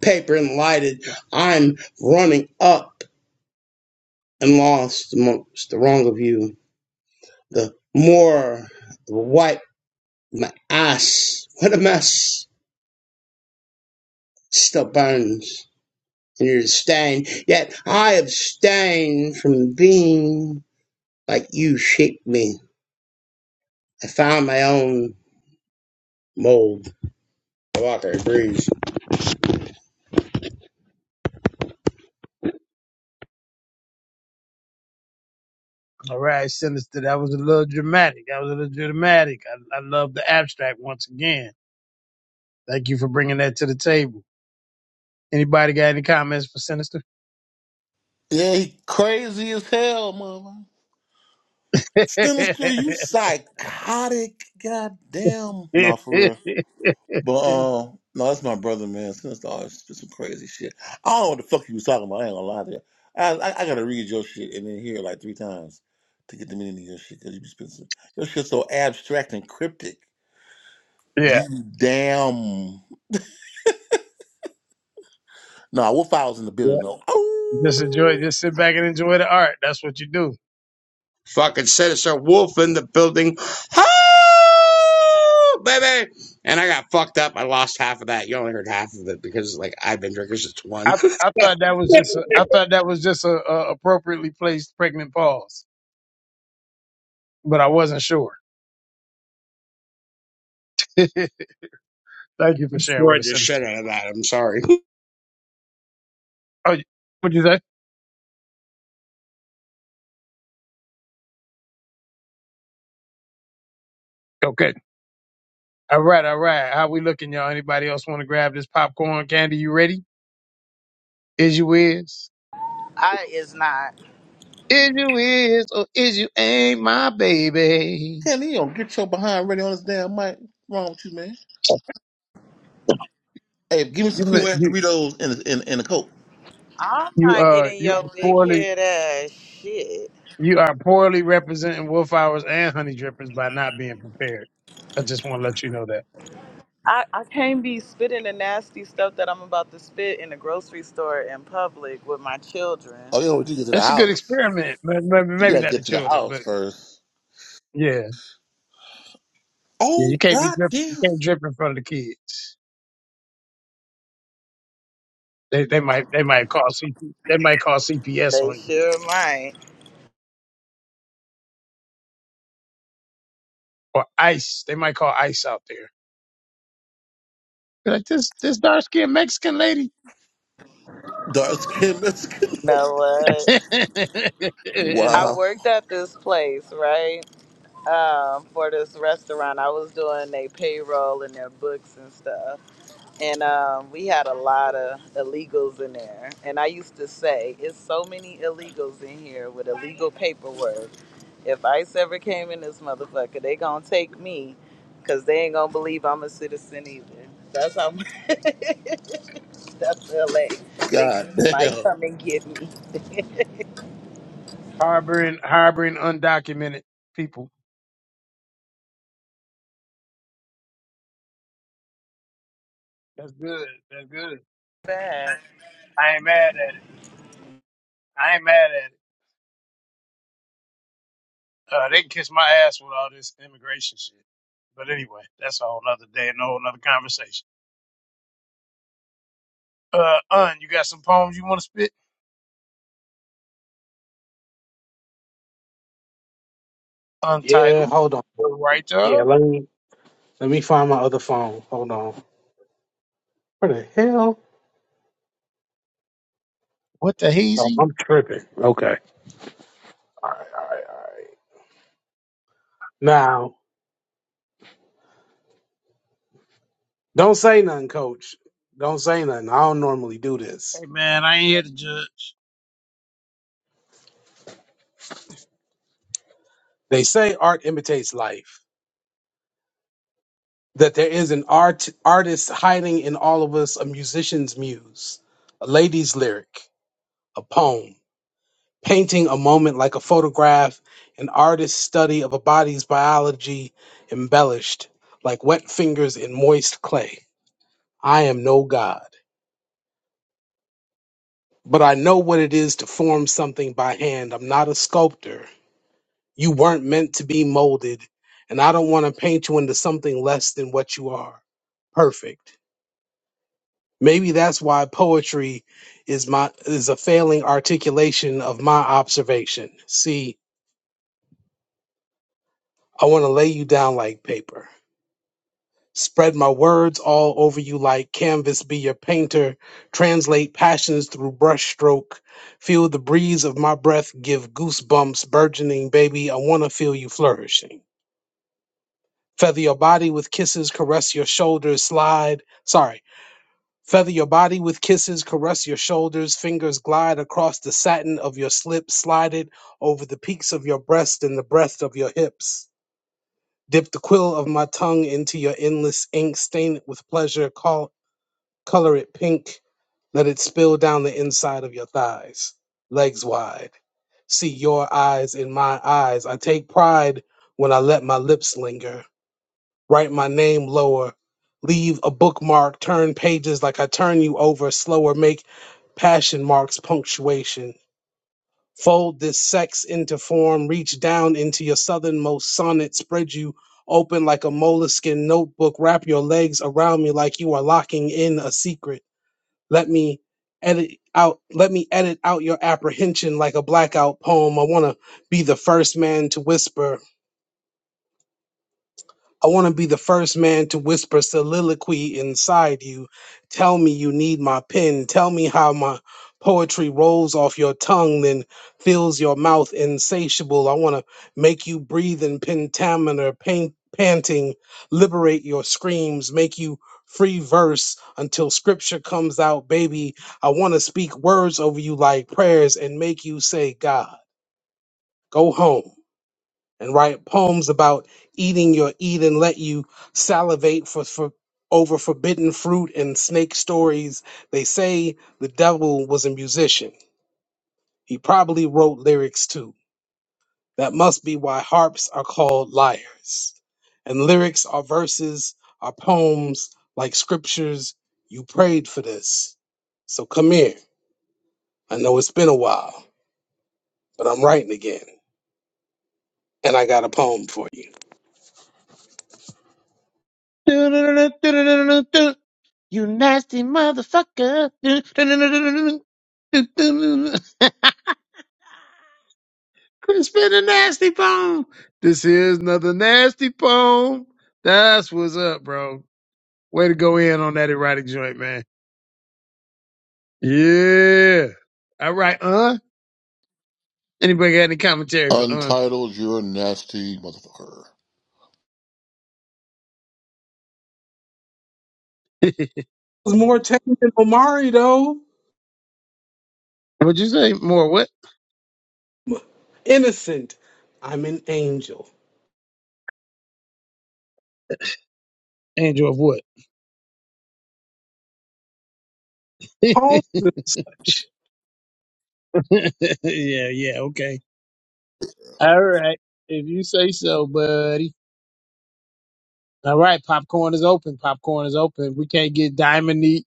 E: paper and lighted. I'm running up and lost amongst the wrong of you. The more wipe my ass. What a mess still burns in your stain. Yet I abstain from being like you shaped me. I found my own mold. Walker agrees.
A: All right, Sinister. That was a little dramatic. That was a little dramatic. I, I love the abstract once again. Thank you for bringing that to the table. Anybody got any comments for Sinister?
F: Yeah, he crazy as hell, mother.
A: (laughs) yeah,
F: Sinister, you psychotic goddamn. No, for real. But uh no, that's my brother, man. Sinister always did some crazy shit. I don't know what the fuck you was talking about. I ain't gonna lie to you. I, I, I gotta read your shit and then hear it like three times to get the meaning of your shit because you be spending some, your shit's so abstract and cryptic.
A: yeah.
F: You damn. Nah, Wolf I in the building though.
A: Just
F: Oh.
A: enjoy. Just sit back and enjoy the art. That's what you do.
E: Fucking Sinister Wolf in the building. Oh, baby. And I got fucked up. I lost half of that. You only heard half of it because, like, I've been drinking since one. (laughs)
A: I, I
E: so,
A: thought that was just a, I thought that was just a, a appropriately placed pregnant pause. but I wasn't sure. (laughs) Thank you for sharing with
E: destroyed
A: us,
E: the
A: Sinister.
E: shit out of that. I'm sorry.
A: Oh, you- what'd you say? Okay. All right, all right. How we looking, y'all? Anybody else want to grab this popcorn candy? You ready? Is you is?
B: I is not.
A: Is you is or is you ain't my baby?
F: Hell, you don't get your behind ready on this damn mic. What's wrong with you, man? Hey, give me
A: You
F: some
A: li-
F: cool ass
A: you
F: Doritos and a, and, and a Coke.
B: I'm
A: you
B: not
A: uh
B: getting
A: you are
B: your big
A: poorly
B: head ass shit.
A: you are poorly representing wolf hours and honey drippers by not being prepared. I just want to let you know that
B: I, I can't be spitting the nasty stuff that I'm about to spit in the grocery store in public with my children.
F: Oh, you know what? You get to the
A: it's a good
F: house.
A: experiment. but Maybe
F: You
A: maybe
F: gotta
A: not the
F: get to the
A: children,
F: house
A: but
F: first.
A: yeah, yeah. You
F: Oh,
A: can't be drip, you
F: goddamn.
A: can't drip in front of the kids. They they might they might call CP, they might call CPS
B: They
A: on you
B: sure might.
A: or ICE. They might call ICE out there. Be Like this this dark skinned Mexican lady
F: Dark skinned Mexican.
B: Know what?
A: (laughs)
F: (laughs)
B: I
F: wow.
B: worked at this place, right? um, for this restaurant. I was doing their payroll and their books and stuff. And um, we had a lot of illegals in there. And I used to say, it's so many illegals in here with illegal paperwork. If ICE ever came in this motherfucker, they gonna take me because they ain't gonna believe I'm a citizen either. That's how much (laughs) that's LA. They just might
F: Goddamn.
B: come and get me.
A: harboring harboring undocumented people. That's good. That's good.
B: Man,
A: I ain't mad at it. I ain't mad at it. Uh, they can kiss my ass with all this immigration shit. But anyway, that's a whole nother day and a whole nother conversation. Uh, Un, you got some poems you want to spit?
H: Yeah,
A: Untitled,
H: hold on.
A: the writer,
H: Yeah, let me let me find my other phone. Hold on. Where the hell?
A: what the
H: No,
A: heezy?
H: I'm tripping. Okay. All right, all right, all right. Now, don't say nothing, coach. Don't say nothing. I don't normally do this.
A: Hey man, I ain't here to judge.
H: They say art imitates life. That there is an art artist hiding in all of us, a musician's muse, a lady's lyric, a poem. painting a moment like a photograph, an artist's study of a body's biology embellished, like wet fingers in moist clay. I am no god, but I know what it is to form something by hand. I'm not a sculptor. You weren't meant to be molded, and I don't want to paint you into something less than what you are. Perfect. Maybe that's why poetry is my is a failing articulation of my observation. See, I want to lay you down like paper. Spread my words all over you like canvas, be your painter. Translate passions through brushstroke. Feel the breeze of my breath, give goosebumps, burgeoning, baby. I want to feel you flourishing. Feather your body with kisses, caress your shoulders, slide. Sorry. Feather your body with kisses, caress your shoulders, fingers glide across the satin of your slip, slide it over the peaks of your breast and the breadth of your hips. Dip the quill of my tongue into your endless ink, stain it with pleasure, call Color it pink. Let it spill down the inside of your thighs, legs wide. See your eyes in my eyes. I take pride when I let my lips linger. Write my name lower. Leave a bookmark. Turn pages like I turn you over. Slower. Make passion marks punctuation. Fold this sex into form. Reach down into your southernmost sonnet. Spread you open like a moleskin notebook. Wrap your legs around me like you are locking in a secret let me edit out let me edit out your apprehension like a blackout poem. I wanna be the first man to whisper I want to be the first man to whisper soliloquy inside you. Tell me you need my pen. Tell me how my poetry rolls off your tongue, then fills your mouth insatiable. I want to make you breathe in pentameter, pain, panting, liberate your screams, make you free verse until scripture comes out, baby. I want to speak words over you like prayers and make you say, God, go home and write poems about eating your eat and let you salivate for, for over forbidden fruit and snake stories. They say the devil was a musician. He probably wrote lyrics too. That must be why harps are called lyres. And lyrics are verses, are poems like scriptures. You prayed for this. So come here. I know it's been a while, but I'm writing again. And I got a poem for you.
A: Do-do-do-do-do-do-do-do. You nasty motherfucker. Do-do-do-do-do-do-do-do. (laughs) Crispin the nasty poem. This is another nasty poem. That's what's up, bro. Way to go in on that erotic joint, man. Yeah. All right, uh. Anybody got any commentary for uh?
F: Untitled, you're a nasty motherfucker.
A: (laughs)
H: was more technical than Omari, though.
A: What'd you say? More what?
H: Innocent. I'm an angel.
A: Andrew of what? (laughs) yeah,
H: Holmes and such.
A: yeah, okay. All right. If you say so, buddy. All right. Popcorn is open. Popcorn is open. We can't get Diamondique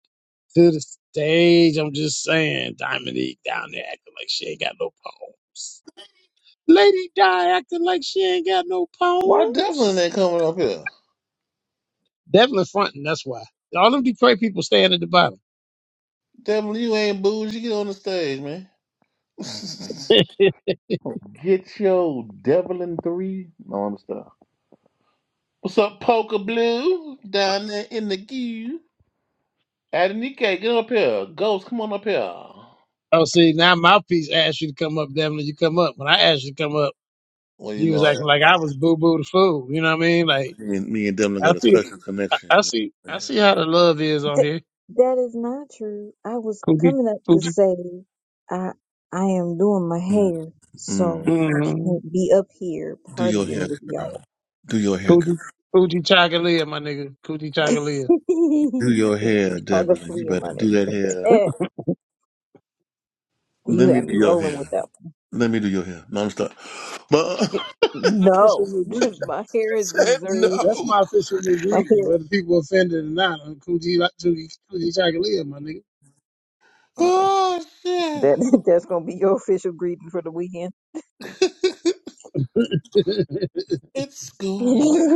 A: to the stage. I'm just saying. Diamondique down there acting like she ain't got no poems. Lady Di acting like she ain't got no
F: Why Devlin
A: poems.
F: ain't coming up here?
A: Devlin fronting. That's why. All them Detroit people staying at the bottom.
F: Devlin, you ain't booze. You get on the stage, man. (laughs) get your Devlin 3. No, I'm stuck. What's up, Poker Blue? Down there in the queue. Adenike, get up here. Ghost, come on up here.
A: (laughs) oh, see, now Mouthpiece asked you to come up, Devlin. You come up. When I asked you to come up,
F: Well, you
A: you
F: know,
A: was
F: I,
A: acting like I was boo boo the fool. You know what I mean?
F: you know
A: Like,
F: me, and, me and Devlin
A: I
F: got a
A: see,
F: special
A: I
F: connection.
A: I see, I
F: mm
A: see how the love is on
I: Th-
A: here.
I: that is not true. I was
A: Coochie,
I: coming up to
A: coochie,
I: say I I am doing my
F: mm.
I: hair,
F: mm.
I: so I
A: mm,
I: can't be up here
F: Do your hair,
I: partying with y'all.
F: girl. Do your hair, girl.
A: coochie, coochie chagalia, my nigga. Coochie
I: (laughs)
A: chagalia.
I: 'Cause
F: Do your
I: you
F: hair,
I: trying to
F: Devlin. You
I: flee in
F: better
I: my
F: do that hair.
I: nigga. (laughs) you
F: Let me
I: had
F: do
I: me
F: your
I: rolling with
F: hair.
I: that
F: Let me do your hair. No, I'm stuck. But (laughs)
I: one.
F: I
A: My official
I: No,
A: new
I: (laughs)
A: greeting.
I: my hair is
F: said no.
I: reserved.
A: That's my official new
I: My
A: greeting, whether
I: hair.
A: people offended or not. I'm Coochie like Coochie Coochie Chocolate, my nigga.
I: Oh,
F: Oh, shit.
I: that (laughs) that's gonna be your official greeting for the weekend.
A: (laughs)
F: It's going
I: (laughs)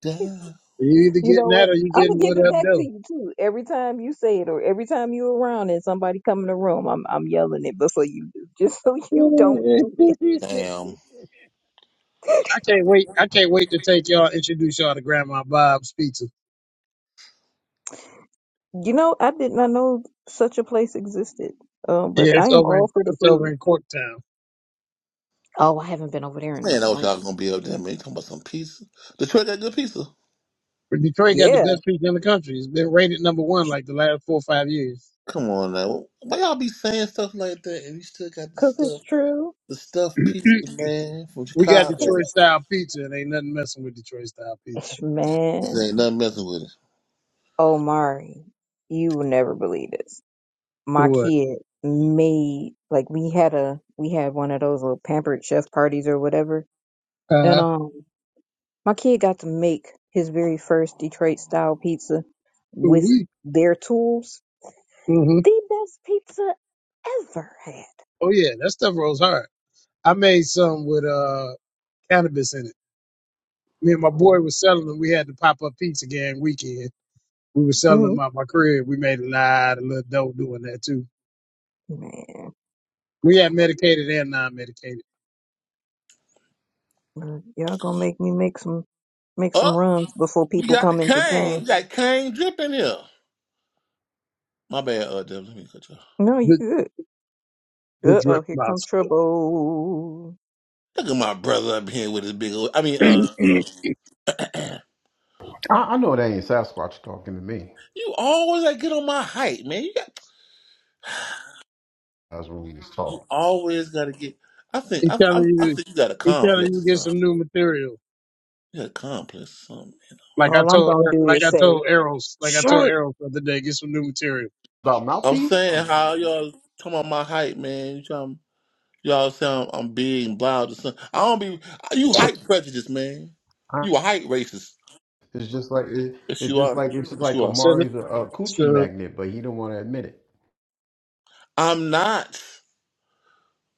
F: down.
A: you either
I: You
A: getting
I: know
A: that
I: what?
A: or you
I: I'm gonna
A: getting
I: give
A: what
I: it
A: up
I: back to
A: though.
I: you too. Every time you say it, or every time you're around and somebody come in the room, I'm I'm yelling it before you do, just (laughs) so you don't
A: (laughs)
I: do it.
F: Damn.
A: I can't wait. I can't wait to take y'all introduce y'all to Grandma Bob's pizza.
I: You know, I did not know such a place existed. Um,
A: Yeah,
I: but I
A: it's
I: am
A: over in
I: all for the
A: it's over
I: food.
A: in Corktown.
I: Oh, I haven't been over there in a
F: Man, I wish
I: long
F: y'all gonna
I: time.
F: be up there, man. You talking about some pizza. Detroit got good pizza.
A: But Detroit got the
I: Yeah,
A: best pizza in the country. It's been rated number one like the last four or five years.
F: Come on now. Why y'all be saying stuff like that and you still got the
I: cause it's
F: stuff
I: true.
F: the stuff pizza
A: (clears throat)
F: man from
A: We got
I: 'Cause-
F: Chicago?
A: Detroit style pizza, and ain't nothing messing with Detroit style pizza.
I: Ish,
F: This
I: Man,
F: ain't nothing messing with it.
I: Omari, you will never believe this. My
A: What?
I: kid made like we had a we had one of those little pampered chef parties or whatever, and
A: Uh,
I: um My kid got to make his very first Detroit style pizza with
A: we.
I: their tools.
A: hmm
I: The best pizza ever had.
A: Oh yeah, that stuff rolls hard. I made some with uh cannabis in it. Me and my
I: Mhm.
A: boy was selling them. We had the pop up pizza gang weekend. We were selling them
I: Mm,
A: out my crib. We made a lot of little dough doing that too.
I: man,
A: We had medicated and non medicated.
I: look, y'all gonna make me make some make some
F: Oh,
I: runs before
F: we
I: people
F: got the
I: come into
F: cane.
I: town.
F: We got cane dripping here. My bad, uh Deb, let me cut you off.
I: No, you
A: The
I: good.
A: the
I: Uh oh,
A: drip
I: here come
A: lobster.
I: trouble.
F: Look at my brother up here with his big old I mean
A: (clears throat)
F: uh,
A: he
F: uh
J: I, I know it ain't Sasquatch talking to me.
F: (clears throat) you always gotta get on my height, man. You got
J: That's what we just
F: you
J: talk
F: always gotta get I think I
A: telling
F: I, I
A: you,
F: think you got a
A: he telling
F: complex
A: you get
F: or something.
A: some new material.
F: You got a complex or something.
A: Like I
I: All I'm
A: told,
I: gonna do
A: like
I: is
A: I
I: say,
A: told Eros, like I told
I: "Shirt."
A: Eros the other day, get some new material.
J: about
F: I'm
J: mouthpiece.
F: saying how y'all come on my hype, man. You trying, y'all sound I'm big and blah. or something. I don't be you hype prejudice, man.
J: I-
F: You a hype racist.
J: It's just like it,
F: Yes,
J: it's
F: you
J: just
F: are.
J: like it's just
F: Yes, you
J: like
F: are.
A: So, th-
J: Omari's a, a coochie
A: so
J: magnet, but he don't want to admit it.
F: I'm not.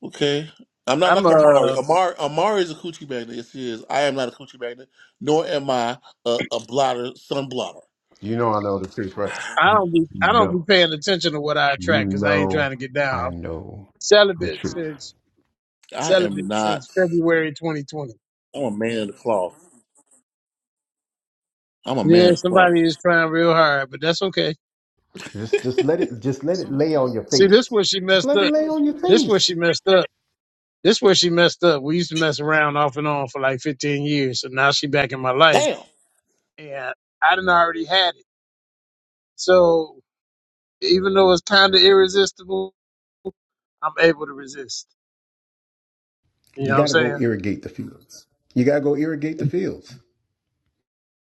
F: Okay. I'm not
A: I'm
F: like Amari.
A: uh,
F: Amari, Amari is a coochie magnet. Yes, he is. I am not a coochie magnet, nor am I a, a blotter, sun blotter.
J: You know I know the truth, right?
A: I don't be I don't be
J: No,
A: paying attention to what I attract
J: you
A: because I ain't
J: know
A: trying to get down.
J: I
A: I'm
J: know the
A: celibate
J: truth.
A: since
F: I am
A: celibate
F: not.
A: since February 2020.
F: I'm a man of the cloth. I'm a man
A: Yeah,
F: of the cloth.
A: somebody is trying real hard, but that's okay.
J: Just just let it just let it lay on your
A: See, this
J: face.
A: where she
J: Just
A: messed
J: let it
A: up.
J: lay on your
A: This where she
J: face.
A: messed up. This where she messed up. We used to mess around off and on for like 15 years, so now she back in my life,
F: Damn.
A: and I didn't already had it. So even though it's kind of irresistible, I'm able to resist. You know
J: You
A: what I'm
J: got to go
A: saying?
J: irrigate the fields. You gotta go irrigate the fields.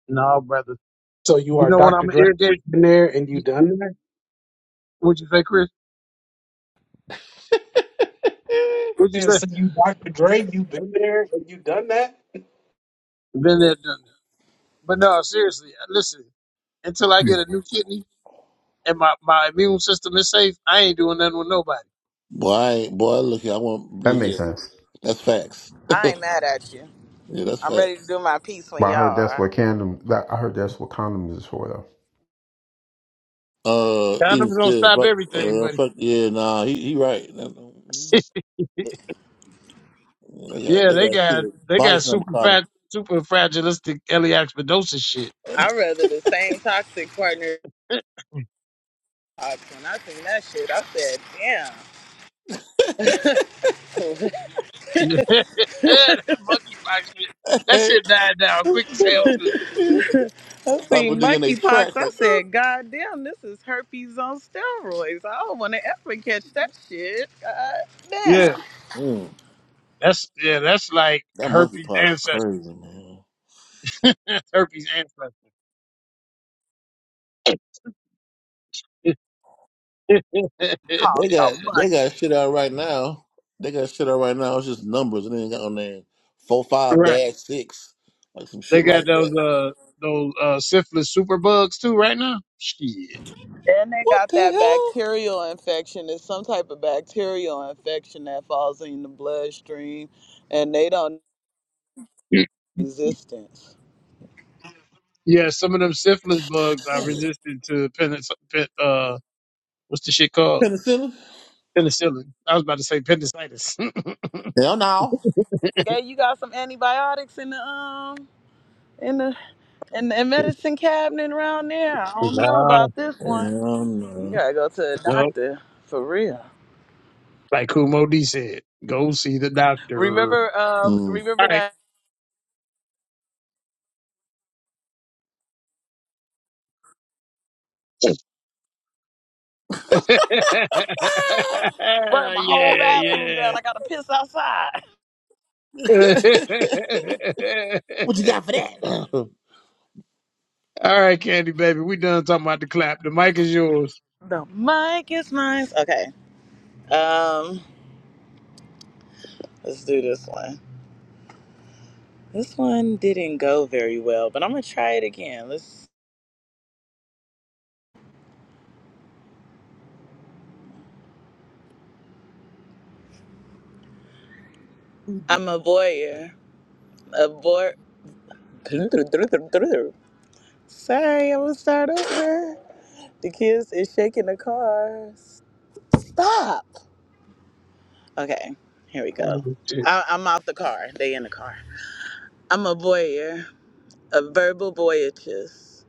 A: No, brother.
H: So you
A: You
H: are
A: know when
H: Dr.
A: I'm
H: Dre
A: irritated,
H: been there and you
A: you-
H: done that?
A: what'd you say, Chris? What'd you
H: And
A: say?
H: so you Dr. Dre, you been there and you done that?
A: Been there, done that. But no, seriously, uh, listen. Until I
F: (laughs)
A: get a new kidney and my, my immune system is safe, I ain't doing nothing with nobody.
F: Boy, I ain't, boy, look here. I want
J: That
F: look
J: makes
F: here.
J: sense.
F: That's facts.
B: I ain't mad at you.
F: Yeah, that's
B: I'm
F: facts.
B: ready to do my piece
J: But
B: when
J: I
B: y'all
J: heard that's
B: are.
J: what condom. that- I heard that's what condoms is for, though.
F: Uh, even
A: Condoms don't
F: still,
A: stop
F: fuck,
A: everything,
F: uh,
A: buddy.
F: fuck yeah, nah, he he right. Nah, nah,
A: (laughs)
F: nah, They got,
A: yeah,
F: they
A: they
F: got shit.
A: got
F: like
A: they
F: Body
A: got
F: slam
A: super
F: McConnell.
A: fat, super fragilistic Eliaxpidosis shit.
F: (laughs)
B: I rather the same toxic partner
A: (laughs)
B: I- When I seen that shit, I said, damn.
A: yeah, that monkeypox shit. That shit died down quick as hell too.
B: (laughs) I
F: Stop a
B: seen
F: nigga in their
B: monkeypox.
F: tracks
B: I
F: like. "Uh."
B: said, God damn, this is herpes on steroids. I don't want to ever catch that shit. God
A: Yeah,
B: damn.
F: Mm,
A: that's yeah, that's like
F: that monkey
A: herpes
F: pot's
A: ancestor.
F: crazy, man.
A: (laughs) herpes ancestor. (laughs)
B: Called
F: They
B: it
F: got
B: a
F: they got
B: monkey.
F: shit out right now. They got shit out right now. It's just numbers, and then got on there four five
A: right.
F: dash six, like some
A: They
F: shit like
A: got those
F: that.
A: uh those uh syphilis super bugs too right now. Shit.
B: Then they
F: What
B: got
F: the
B: that
F: hell?
B: bacterial infection. It's some type of bacterial infection that falls in the bloodstream, and they don't know resistance.
A: Yeah, some of them syphilis bugs are resistant to penic- pen, uh what's the shit called?
F: Penicillin?
A: Penicillin. I was about to say appendicitis. (laughs)
F: Hell no.
B: Yeah, you got some antibiotics in the um in the in the medicine cabinet around there. I don't know
A: nah,
B: about this one.
F: Hell
B: You
F: no.
B: gotta go to a
A: no.
B: doctor for real.
A: Like Kumo D said, go see the doctor.
B: Remember, um,
F: Mm.
A: All
B: remember
A: right.
B: that
A: (laughs)
F: Ah!
B: burned my whole bathroom down.
A: yeah,
B: I gotta piss outside. (laughs)
F: (laughs)
A: yeah.
F: What you
A: (laughs)
F: got for that? (laughs)
A: All right, Candy Baby, we done talking about the clap. The mic is yours.
B: The mic is nice. Okay, um, let's do this one. This one didn't go very well, but I'm gonna try it again. Let's. I'm a voyeur. A voy. (laughs) Sorry, I'm gonna start over. The kids is shaking the car. Stop. Okay, here we
A: Funny
B: go.
A: as shit.
B: I, I'm out the car. They in the car. I'm a voyeur of verbal voyages,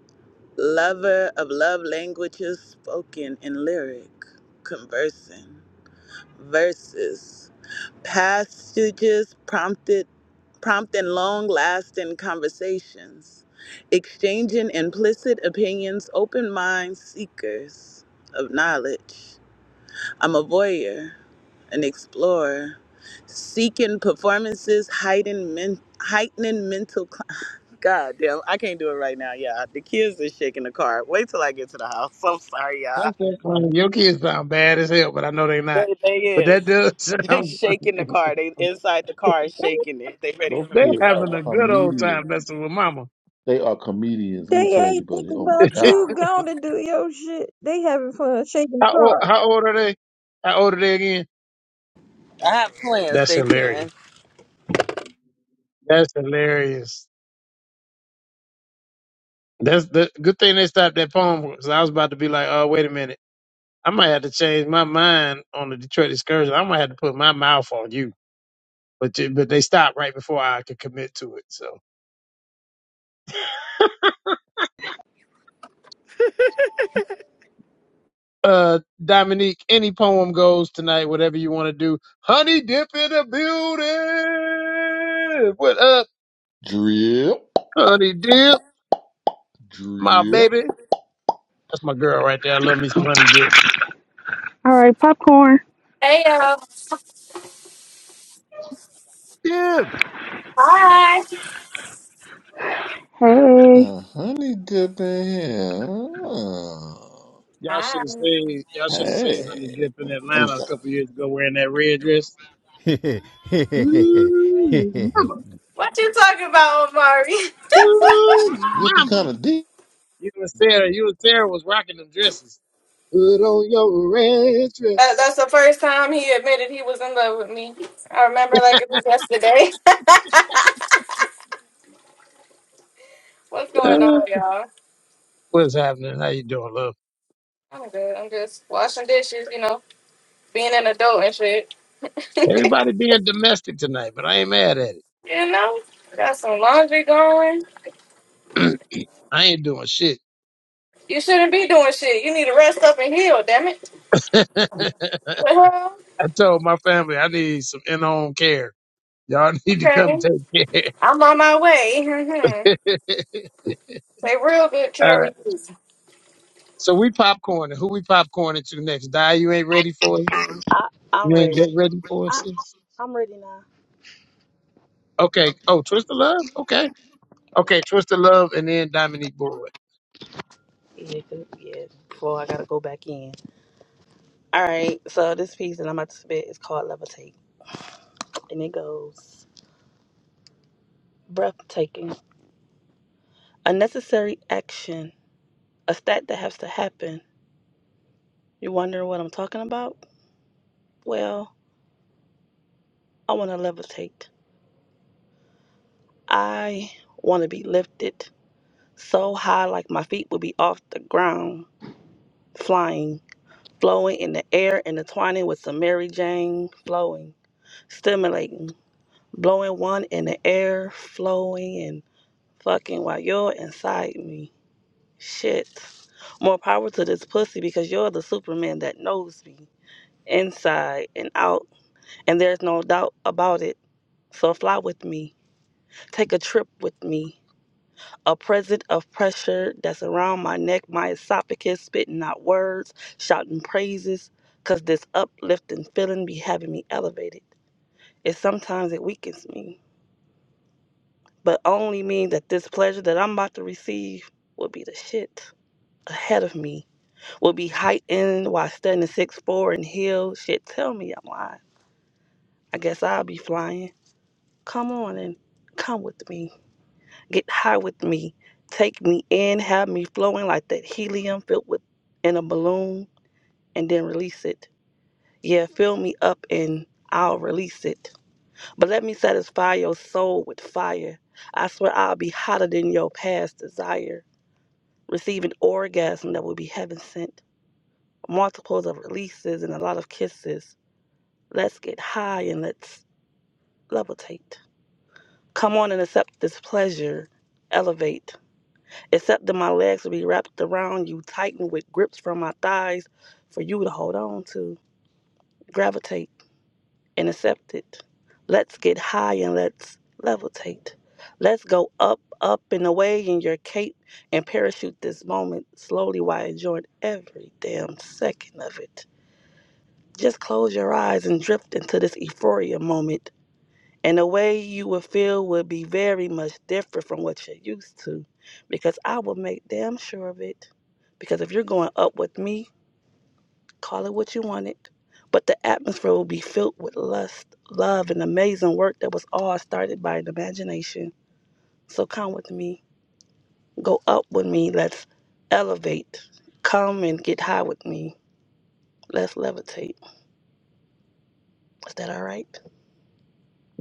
B: lover of love languages spoken in lyric, conversing, verses, passages prompted, prompting long-lasting conversations, exchanging implicit opinions, open mind seekers of knowledge. I'm a voyeur, an explorer, seeking performances, hiding men, heightening mental God damn, I can't do it right now, y'all. The kids is shaking the car. Wait till I get to the house. (laughs) I'm sorry, y'all.
A: That's so funny. Your kids sound bad as hell, but I know they not.
B: They, they
A: But
B: is.
A: that
B: (laughs)
A: does (laughs) sound
B: They shaking the
A: funny.
B: car. They inside the car is shaking it. They ready
F: Those
B: for
A: They're
B: me to
F: kids are
A: having
B: go.
A: a good old
F: comedians.
A: time messing with mama.
F: They are comedians. Let me
I: They
F: tell you,
I: ain't
F: buddy.
I: thinking
F: Oh my
I: about
A: (laughs)
F: god.
I: you. Gonna do your shit. They having fun shaking the
A: how, old,
I: car.
A: how old are they? How old are they again?
B: I have plans.
A: That's
B: They
A: hilarious.
B: ten.
A: That's hilarious. That's the good thing they stopped that poem because I was about to be like, oh, wait a minute. I might have to change my mind on the Detroit excursion. I might have to put my mouth on you. But, you- but they stopped right before I could commit to it. So. uh Dominique, any poem goes tonight, whatever you want to do. Honey dip in the building. What up,
F: Drip,
A: honey dip? My
F: drip.
A: baby. That's my girl right there. I love me some honey dip.
D: All right, popcorn.
K: Hey yo.
J: Yeah,
K: Hi.
D: Hey.
F: Uh, honey dip in here. Uh,
A: Y'all should
K: Hi.
A: have seen y'all should have seen
F: Hey,
A: honey dip in
F: let me
A: Atlanta a
F: stop.
A: couple years ago wearing that red dress.
J: (laughs) Me
A: Ooh, mama.
K: What you talking about, Omari? (laughs)
A: Ooh,
F: Drip is
A: mama.
F: kind of deep.
A: You and Sarah, you and Sarah was rocking them dresses. Put on your red
K: That,
A: dress.
K: that's the first time he admitted he was in love with me. I remember like it was yesterday. (laughs) What's going
A: Uh,
K: on, y'all?
A: what's happening? How you doing, love?
K: I'm good. I'm just washing dishes, you know, being an adult and shit. (laughs) you
A: Everybody being domestic tonight, but I ain't mad at
K: know, got some laundry going.
A: it. (clears throat) I ain't doing shit.
K: You shouldn't be doing shit. You need to rest up and heal, damn it.
A: (laughs) I
K: Well,
A: told my family I need some in-home care. Y'all (laughs) need to come
K: okay.
A: take care.
K: I'm on my way. (laughs) hmm
A: (laughs)
K: Say real good,
A: All right.
K: Carrie.
A: So we popcorning. Who we popcorning to next? Die, you ain't ready for us? You ain't that ready for us? sis? Okay. Oh, Twisted Love? Okay. Okay, Twisted Love and then Dominique Boyd.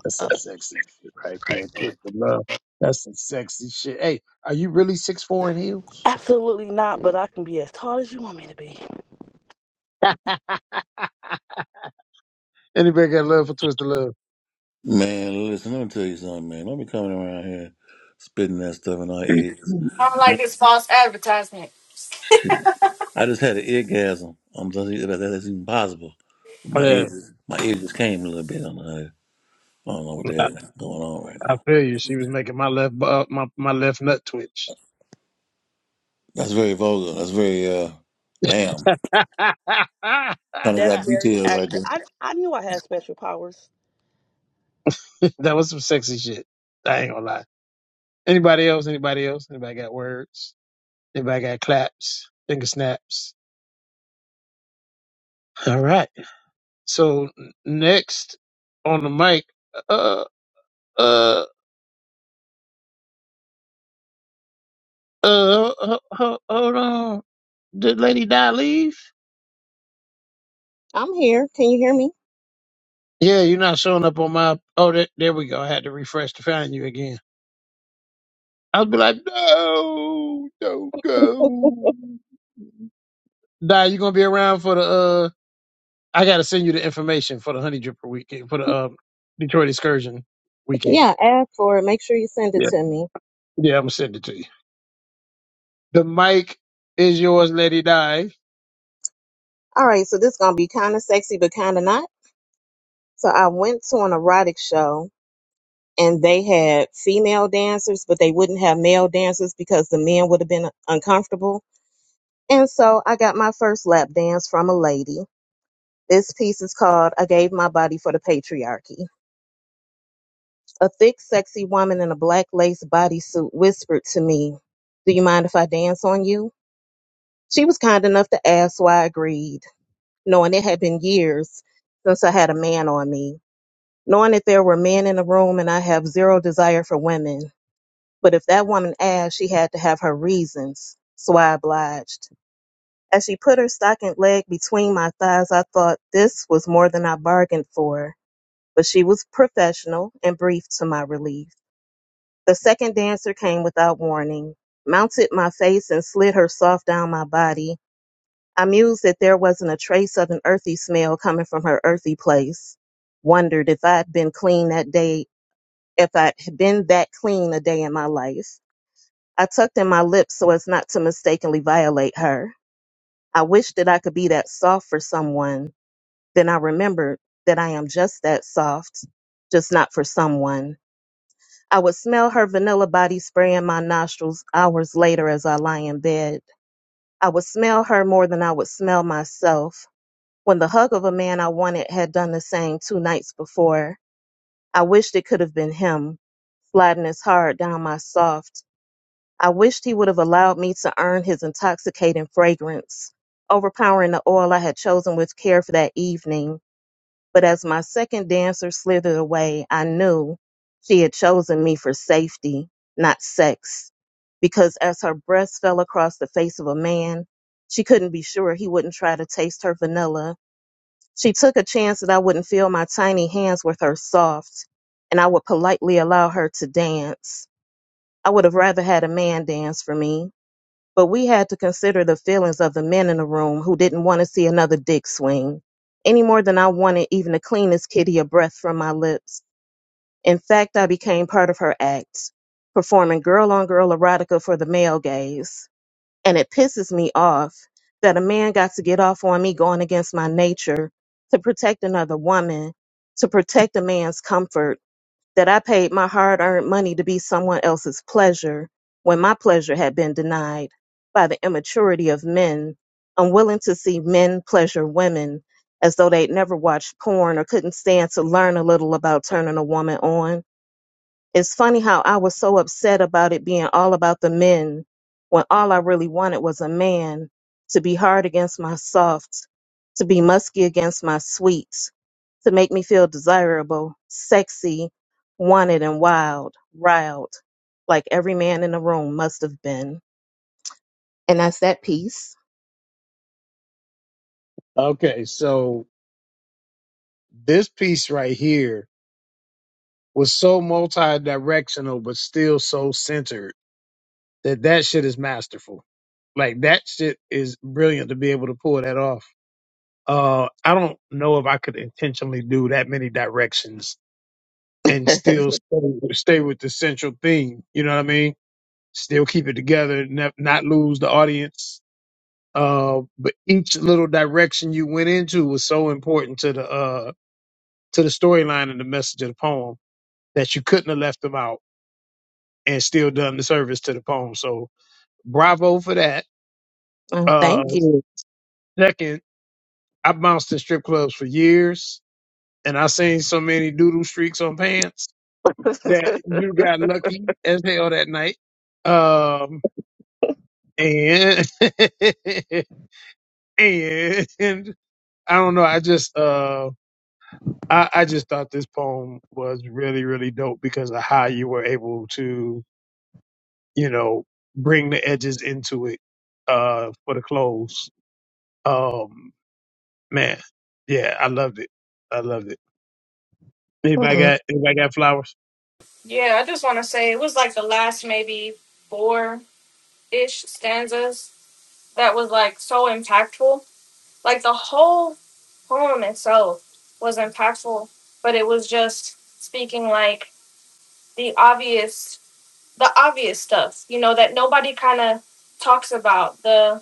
A: That's some sexy shit right there. Twisted Love. That's some sexy shit. Hey, are you really six four in heels? (laughs) Anybody got love for Twisted Love?
F: Man, listen. Let me tell you something, man. Don't be coming around here spitting that stuff in our
A: Yeah,
F: ears.
K: I don't like this false advertisement.
F: Shit. I just had an eargasm. I'm just that's, that's even possible. But my
A: I,
F: ears, my ears just came a little bit on it. I don't know what they that's going on right
A: I
F: now.
A: feel you. She was making my left bu- uh, my my left nut twitch.
F: That's very vulgar. That's very uh damn.
A: (laughs)
F: Kind of got
A: that
F: details right there.
A: was some sexy shit. I ain't gonna lie. Anybody else? Anybody else? Anybody got words? Anybody got claps? Finger snaps? All right. So n- next on the mic, uh, uh, uh, ho- ho- hold on. Did Lady Di leave?
L: I'm here. Can you hear me?
A: Yeah, you're not showing up on my. Oh, there, there we go. I had to refresh to find you again. I'll be like, no, don't go. Nah, you gonna be around for the. uh I gotta send you the information for the Honey Dripper weekend for the uh, Detroit Excursion weekend.
L: Yeah, ask for it. Make sure you send it
A: Yeah,
L: to me.
A: yeah, I'm gonna send it to you. The mic is yours, Lady Di.
L: All right, so this is gonna be kind of sexy, but kind of not. So I went to an erotic show, and they had female dancers, but they wouldn't have male dancers because the men would have been uncomfortable. And so I got my first lap dance from a lady. This piece is called "I Gave My Body for the Patriarchy." A thick, sexy woman in a black lace bodysuit whispered to me, "Do you mind if I dance on you?" She was kind enough to ask, so I agreed. knowing it had been years since I had a man on me, knowing that there were men in the room and I have zero desire for women. But if that woman asked, she had to have her reasons, so I obliged. As she put her stockinged leg between my thighs, I thought this was more than I bargained for. But she was professional and brief to my relief. The second dancer came without warning, mounted my face, and slid her soft down my body I mused that there wasn't a trace of an earthy smell coming from her earthy place. Wondered if I'd been clean that day, if I'd been that clean a day in my life. I tucked in my lips so as not to mistakenly violate her. I wished that I could be that soft for someone. Then I remembered that I am just that soft, just not for someone. I would smell her vanilla body spray in my nostrils hours later as I lie in bed. I would smell her more than I would smell myself When the hug of a man I wanted had done the same two nights before, I wished it could have been him, sliding his hard down my soft. I wished he would have allowed me to earn his intoxicating fragrance, overpowering the oil I had chosen with care for that evening. But as my second dancer slithered away, I knew she had chosen me for safety, not sex. Because as her breast fell across the face of a man, she couldn't be sure he wouldn't try to taste her vanilla she took a chance that I wouldn't feel my tiny hands with her soft, and I would politely allow her to dance. I would have rather had a man dance for me, but we had to consider the feelings of the men in the room who didn't want to see another dick swing, any more than I wanted even the cleanest kitty a breath from my lips. In fact, I became part of her act, performing girl on girl erotica for the male gaze. And it pisses me off that a man got to get off on me going against my nature to protect another woman, to protect a man's comfort, that I paid my hard earned money to be someone else's pleasure when my pleasure had been denied by the immaturity of men, unwilling to see men pleasure women as though they'd never watched porn or couldn't stand to learn a little about turning a woman on it's funny how I was so upset about it being all about the men when all I really wanted was a man to be hard against my softs, to be musky against my sweets, to make me feel desirable, sexy, wanted, and wild, riled, like every man in the room must have been. And that's that piece.
A: Okay, so this piece right here was so multi-directional, but still so centered that that shit is masterful. Like that shit is brilliant to be able to pull that off Uh, I don't know if I could intentionally do that many directions and still stay, stay with the central theme. You know what I mean? Still keep it together, ne- not lose the audience. Uh, but each little direction you went into was so important to the uh to the storyline and the message of the poem that you couldn't have left them out and still done the service to the poem. So bravo for that.
L: And
A: Uh,
L: thank you.
A: second, I bounced in strip clubs for years and I seen so many doodle streaks on pants
L: (laughs)
A: that you got lucky as hell that night. Um, and (laughs) and I don't know. I just uh, I I just thought this poem was really really dope because of how you were able to you know bring the edges into it uh for the close. Um, man, yeah, I loved it. I loved it. Anybody
L: Mm.
A: got anybody got flowers?
K: Yeah, I just want to say it was like the last maybe four ish stanzas that was like so impactful. Like the whole poem itself was impactful, but it was just speaking like the obvious, the obvious stuff, you know, that nobody kind of talks about. the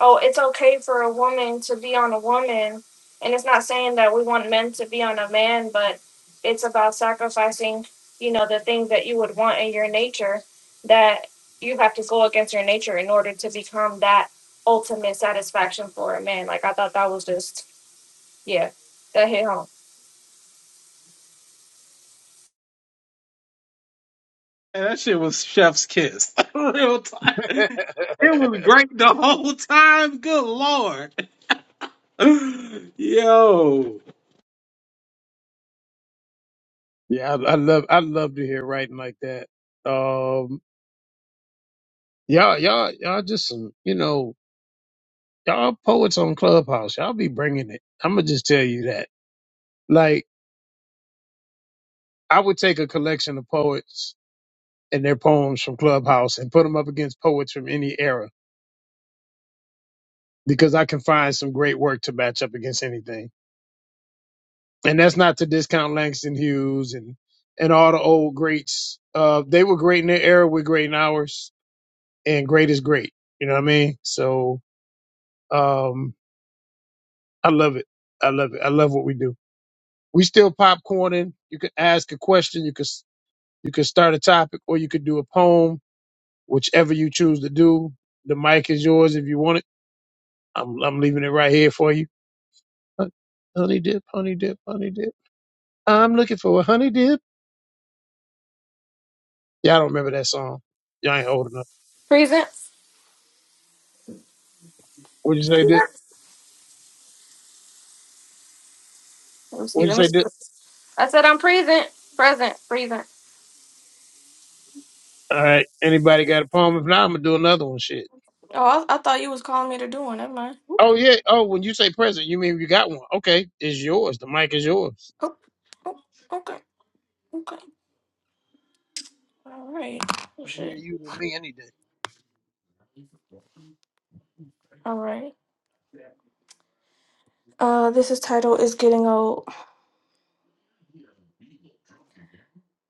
K: oh, it's okay for a woman to be on a woman. And it's not saying that we want men to be on a man, but it's about sacrificing, you know, the things that you would want in your nature that you have to go against your nature in order to become that ultimate satisfaction for a man. Like, I thought that was just, yeah, that hit home.
H: And that shit was Chef's Kiss. (laughs) Real time.
A: (laughs)
H: It was great the whole time. Good lord. Yo.
A: yeah, I, I love I love to hear writing like that. Um, Y'all, y'all, y'all just some, you know, y'all poets on Clubhouse. Y'all be bringing it. I'm gonna just tell you that. Like, I would take a collection of poets and their poems from Clubhouse and put them up against poets from any era because I can find some great work to match up against anything. And that's not to discount Langston Hughes and and all the old greats. Uh, they were great in their era. We're great in ours, and great is great. You know what I mean? So, um, I love it. I love it. I love what we do. We still popcorning. You could ask a question. You could you could start a topic, or you could do a poem, whichever you choose to do. The mic is yours if you want it. I'm I'm leaving it right here for you. Hon- Honey dip, honey dip, honey dip. I'm looking for a honey dip. Y'all don't remember that song. Y'all ain't old enough.
K: Present.
A: What'd you say, dip?
K: Let me see.
A: What'd you
K: Let me
A: say,
K: see.
A: dip?
K: I said I'm present. Present. Present.
A: All right. Anybody got a poem? If not, I'm gonna do another one. Shit.
K: Oh, I, I thought you was calling me to do one. Never mind.
A: Oh yeah. Oh, when you say present, you mean you got one? Okay, it's yours. The mic is yours.
K: Oh, oh, okay. Okay. All right. Oh,
A: I can
K: shit.
A: hear you and me any day.
K: All right. Uh, this is title is getting old.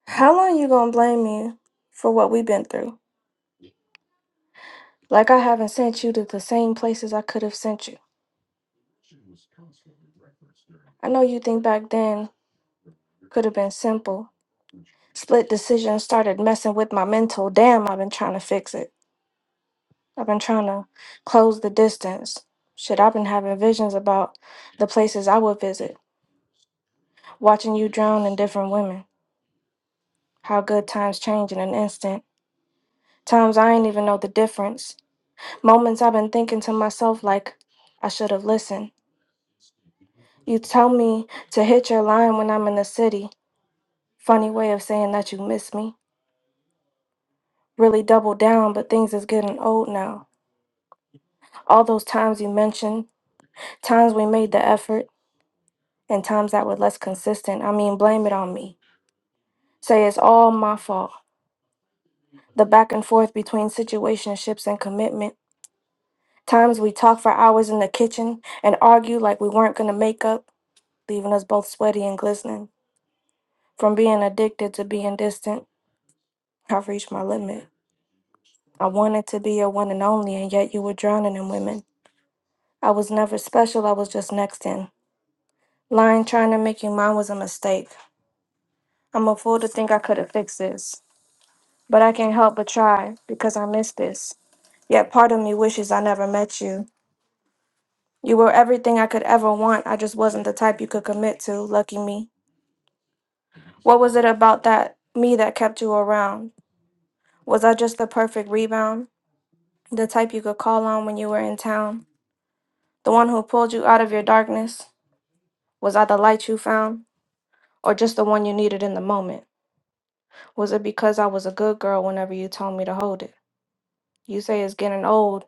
K: How long you gonna blame me for what we've been through? Like I haven't sent you to the same places I could have sent you. I know you think back then could have been simple. Split decisions started messing with my mental. Damn, I've been trying to fix it. I've been trying to close the distance. Shit, I've been having visions about the places I would visit, watching you drown in different women. How good times change in an instant. Times I ain't even know the difference. Moments I've been thinking to myself, like, I should have listened. You tell me to hit your line when I'm in the city. Funny way of saying that you miss me. Really double down, but things is getting old now. All those times you mentioned, times we made the effort, and times that were less consistent. I mean, blame it on me. Say it's all my fault. The back and forth between situationships and commitment. Times we talk for hours in the kitchen and argue like we weren't gonna make up, leaving us both sweaty and glistening. From being addicted to being distant, I've reached my limit. I wanted to be your one and only, and yet you were drowning in women. I was never special, I was just next in. Lying, trying to make you mine was a mistake. I'm a fool to think I could have fixed this. But I can't help but try, because I miss this. Yet part of me wishes I never met you. You were everything I could ever want, I just wasn't the type you could commit to, lucky me. What was it about that me that kept you around? Was I just the perfect rebound? the type you could call on when you were in town, the one who pulled you out of your darkness? Was I the light you found, or just the one you needed in the moment? Was it because I was a good girl whenever you told me to hold it? You say it's getting old,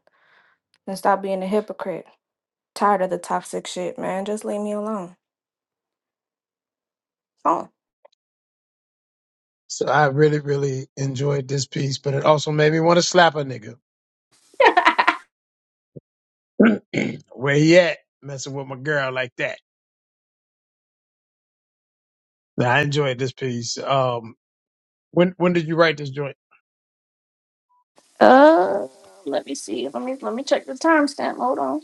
K: then stop being a hypocrite. Tired of the toxic shit, man. Just leave me alone. Oh.
A: So I really, really enjoyed this piece, but it also made me want to slap a nigga. (clears throat) Where he at? Messing with my girl like that. Now, I enjoyed this piece. Um, when when did you write this joint?
K: Uh, let me see. Let me let me check the timestamp. Hold on.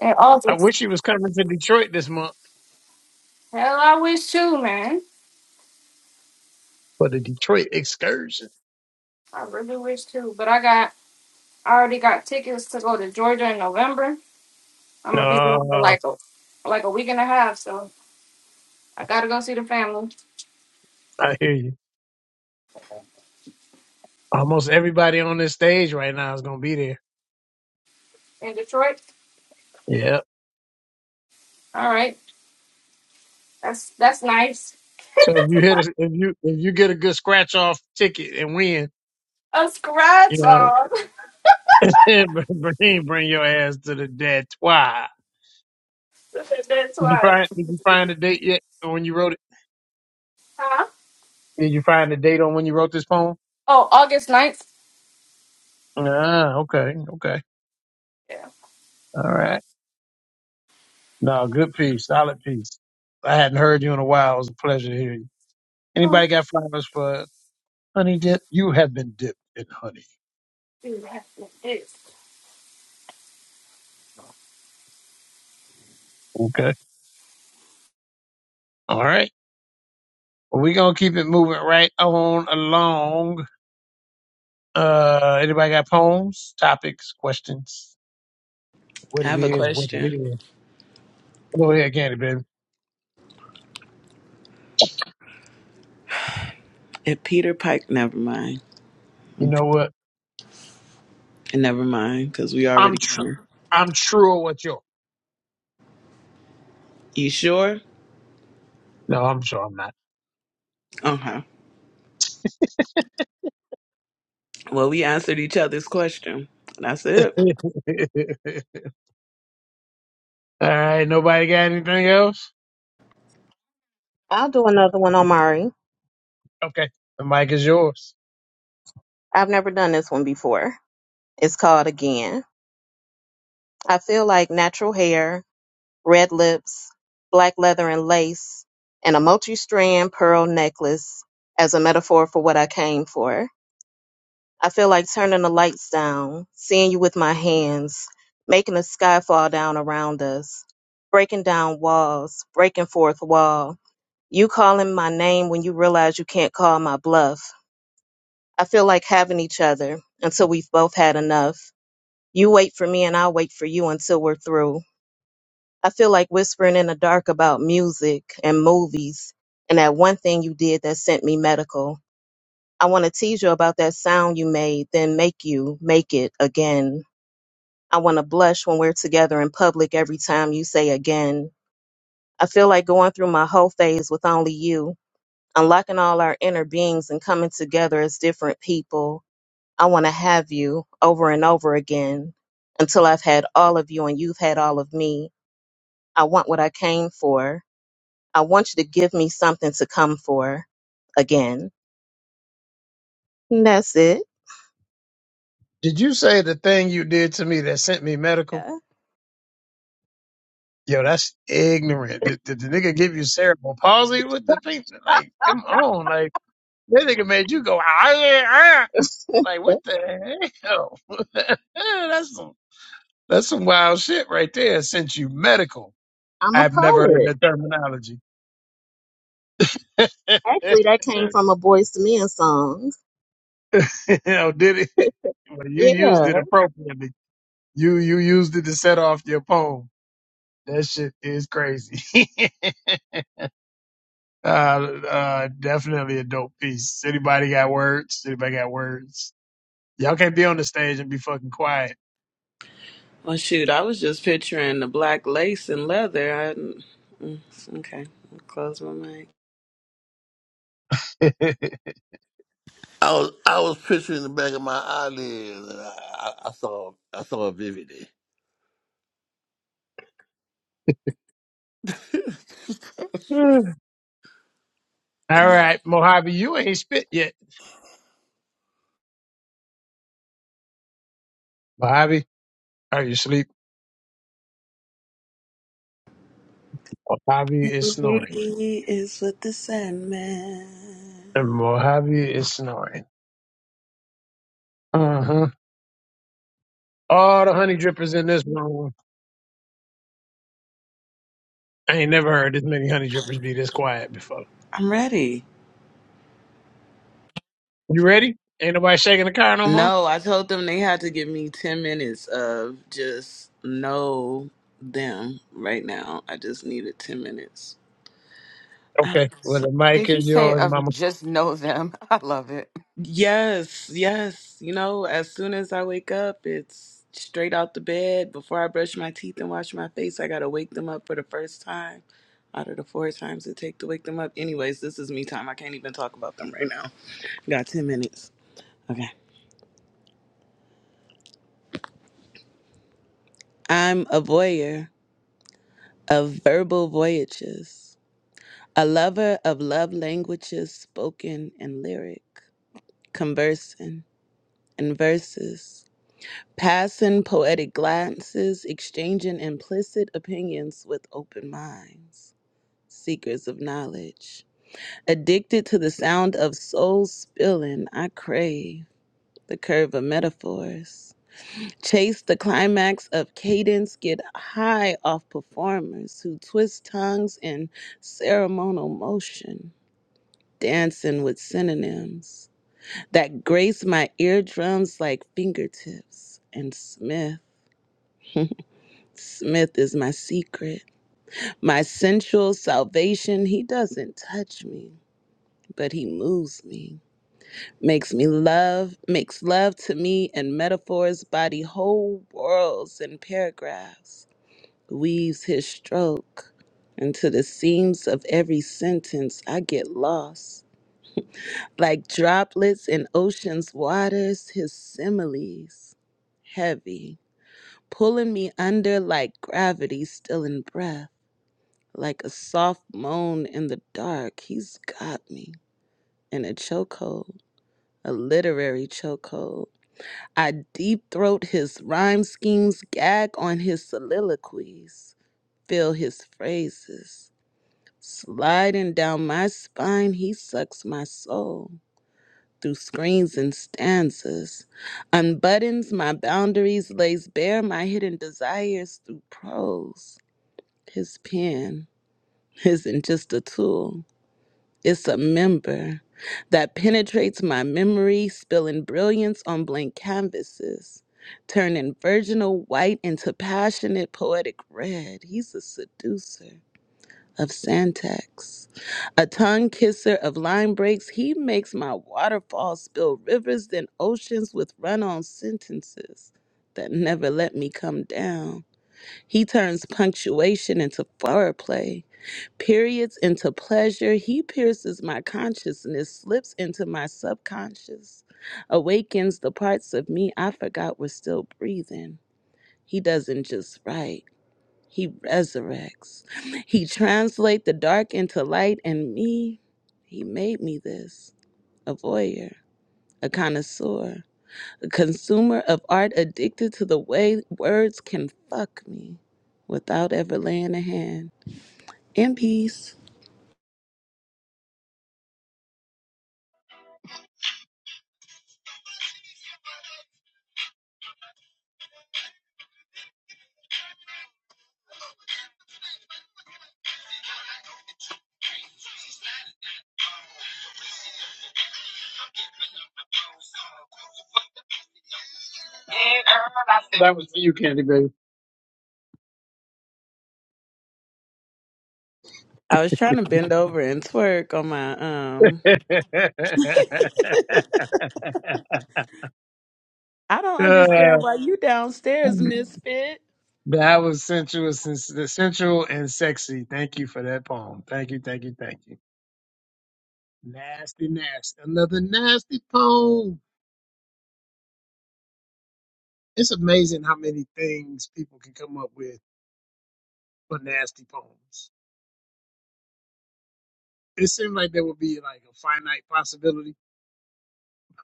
K: In
A: I
K: August.
A: wish he was coming to Detroit this month
K: Hell, I wish too, man.
A: for the Detroit excursion.
K: I really wish too. But I got I already got tickets to go to Georgia in November. I'm
A: Uh,
K: gonna be there for like a like a week and a half, so I gotta go see the family
A: I hear you. Almost everybody on this stage right now is gonna be there.
K: in Detroit.
A: Yeah.
K: All right, that's that's nice.
A: So if you hit, a, if you if you get a good scratch off ticket and win,
K: A
A: you
K: scratch
A: know,
K: off.
A: (laughs) bring bring your ass to the dead
K: (laughs) That's
A: Did you
K: why.
A: find Did you find the date yet on when you wrote it?
K: Huh?
A: Did you find the date on when you wrote this poem?
K: Oh, August ninth.
A: Ah, okay, okay,
K: Yeah.
A: all right. No, good piece, solid piece. I hadn't heard you in a while. It was a pleasure to hear you.
K: Oh,
A: Anybody got flowers for Honey Dip? You have been dipped in honey.
K: dude, that's what it is.
A: Okay, all right. Well, we're gonna keep it moving right on along. Uh, anybody got poems, topics, questions? What
B: I
A: it
B: have a
A: is, what it
B: question.
A: is. Go ahead, Candy Baby.
B: If Peter Pike, never mind.
A: You know what?
B: Never mind, because we
A: I'm
B: already
A: tr-
B: know.
A: I'm true at what you're.
B: You sure?
A: No, I'm sure I'm not.
B: Okay. Well, we answered each other's question. That's it.
A: (laughs) All right, nobody got anything else?
L: I'll do another one, Omari.
A: Okay, the mic is yours.
L: I've never done this one before. It's called Again. I feel like natural hair red lips, black leather and lace, and a multi strand pearl necklace as a metaphor for what I came for. I feel like turning the lights down, seeing you with my hands, making the sky fall down around us, breaking down walls, breaking fourth wall, you calling my name when you realize you can't call my bluff. I feel like having each other until we've both had enough. You wait for me and I'll wait for you until we're through. I feel like whispering in the dark about music and movies and that one thing you did that sent me medical. I want to tease you about that sound you made, then make you make it again. I want to blush when we're together in public every time you say again. I feel like going through my whole phase with only you, unlocking all our inner beings and coming together as different people. I want to have you over and over again until I've had all of you and you've had all of me. I want what I came for. I want you to give me something to come for again. And that's it.
A: Did you say the thing you did to me that sent me medical?
L: Yeah.
A: Yo, that's ignorant. Did, did the nigga give you cerebral palsy with the people? Like, come on, like that nigga made you go ah yeah ah. Like, what the hell? (laughs) that's some that's some wild shit right there. Sent you medical.
L: I'm a
A: I've never heard
L: poet.
A: that terminology.
L: Actually, that came
A: (laughs)
L: from a Boys to Men song.
A: (laughs) oh, did it? Well, you used it
L: Yeah.
A: appropriately. You you used it to set off your poem. That shit is crazy. (laughs) uh, uh, definitely a dope piece. Anybody got words? Anybody got words? Y'all can't be on the stage and be fucking quiet.
B: Well, shoot, I was just picturing the black lace and leather. I, mm, okay, I'll close my mic.
A: (laughs) All
F: I was I was picturing the back of my eyelids, and I, I, I saw I saw it vividly. (laughs) and then,
A: right, Mojave, you ain't spit yet. Mojave, are you asleep? Mojave is snoring.
B: He is with the Sandman.
A: And Mojave is snoring. Uh-huh. All the honey drippers in this room. I ain't never heard as many honey drippers be this quiet before.
B: I'm ready.
A: You ready? Ain't nobody shaking the car no more?
B: No, I told them they had to give me 10 minutes of just know them right now. I just needed 10 minutes. I'm
A: Okay. Well,
B: so-
A: the mic
G: Did you
A: is
G: say
A: yours,
G: of
A: mama.
G: just know them? (laughs) I love it.
B: Yes, yes. You know, as soon as I wake up, it's straight out the bed. Before I brush my teeth and wash my face, I got to wake them up for the first time out of the four times it take to wake them up. Anyways, this is me time. I can't even talk about them right now. Got 10 minutes. Okay. I'm a voyeur of verbal voyages, a lover of love languages spoken and lyric, conversing in verses, passing poetic glances, exchanging implicit opinions with open minds, seekers of knowledge. Addicted to the sound of soul spilling, I crave the curve of metaphors Chase the climax of cadence, get high off performers who twist tongues in ceremonial motion, dancing with synonyms that grace my eardrums like fingertips. And Smith, (laughs) Smith is my secret, my sensual salvation. He doesn't touch me, but he moves me, makes me love, makes love to me in metaphors, body whole worlds and paragraphs weaves his stroke into the seams of every sentence I get lost. Like droplets in ocean's waters, his similes heavy, pulling me under like gravity still in breath, like a soft moan in the dark. He's got me in a chokehold, a literary chokehold. I deep throat his rhyme schemes, gag on his soliloquies, feel his phrases. Sliding down my spine, he sucks my soul through screens and stanzas, unbuttons my boundaries, lays bare my hidden desires through prose. His pen isn't just a tool, it's a member that penetrates my memory, spilling brilliance on blank canvases. Turning virginal white into passionate poetic red. He's a seducer of Santax, a tongue kisser of line breaks. He makes my waterfalls spill rivers, then oceans with run on sentences that never let me come down. He turns punctuation into foreplay, periods into pleasure. He pierces my consciousness, slips into my subconscious, awakens the parts of me I forgot were still breathing. He doesn't just write. He resurrects. He translates the dark into light and me. He made me this a voyeur, a connoisseur, a consumer of art addicted to the way words can fuck me without ever laying a hand. In peace.
A: That was for you, Candy Baby.
B: I was trying to bend over and twerk on my um
A: (laughs)
B: I don't
A: Uh,
B: understand why you downstairs, misfit.
A: that was sensuous and sensual and sexy. Thank you for that poem. Thank you, thank you, thank you. Nasty, nasty. Another nasty poem. It's amazing how many things people can come up with for nasty poems. It seems like there would be like a finite possibility,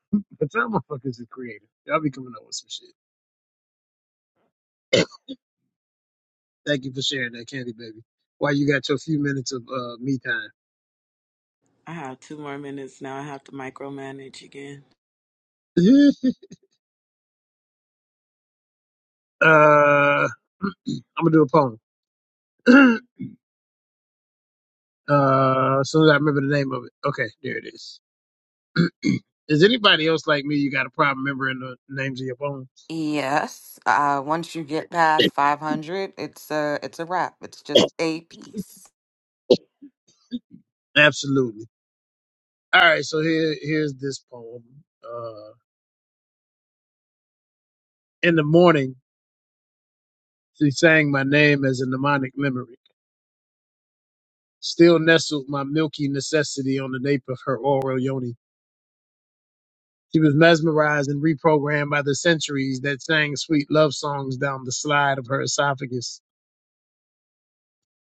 A: (laughs) but some motherfuckers are creative. Y'all be coming up with some shit. Thank you for sharing that, Candy Baby. While you got your few minutes of uh, me time.
B: I have two more minutes now. I have to micromanage again.
A: (laughs) uh, (clears throat) I'm gonna do a poem. (clears throat) uh, as soon as I remember the name of it. Okay, there it is. (clears throat) is anybody else like me? You got a problem remembering the names of your poems?
G: Yes. Uh, once you get past five hundred, it's a it's a wrap. It's just a piece.
A: Absolutely. All right, so here here's this poem. Uh, in the morning, she sang my name as a mnemonic memory. Still nestled my milky necessity on the nape of her oral yoni. She was mesmerized and reprogrammed by the centuries that sang sweet love songs down the slide of her esophagus,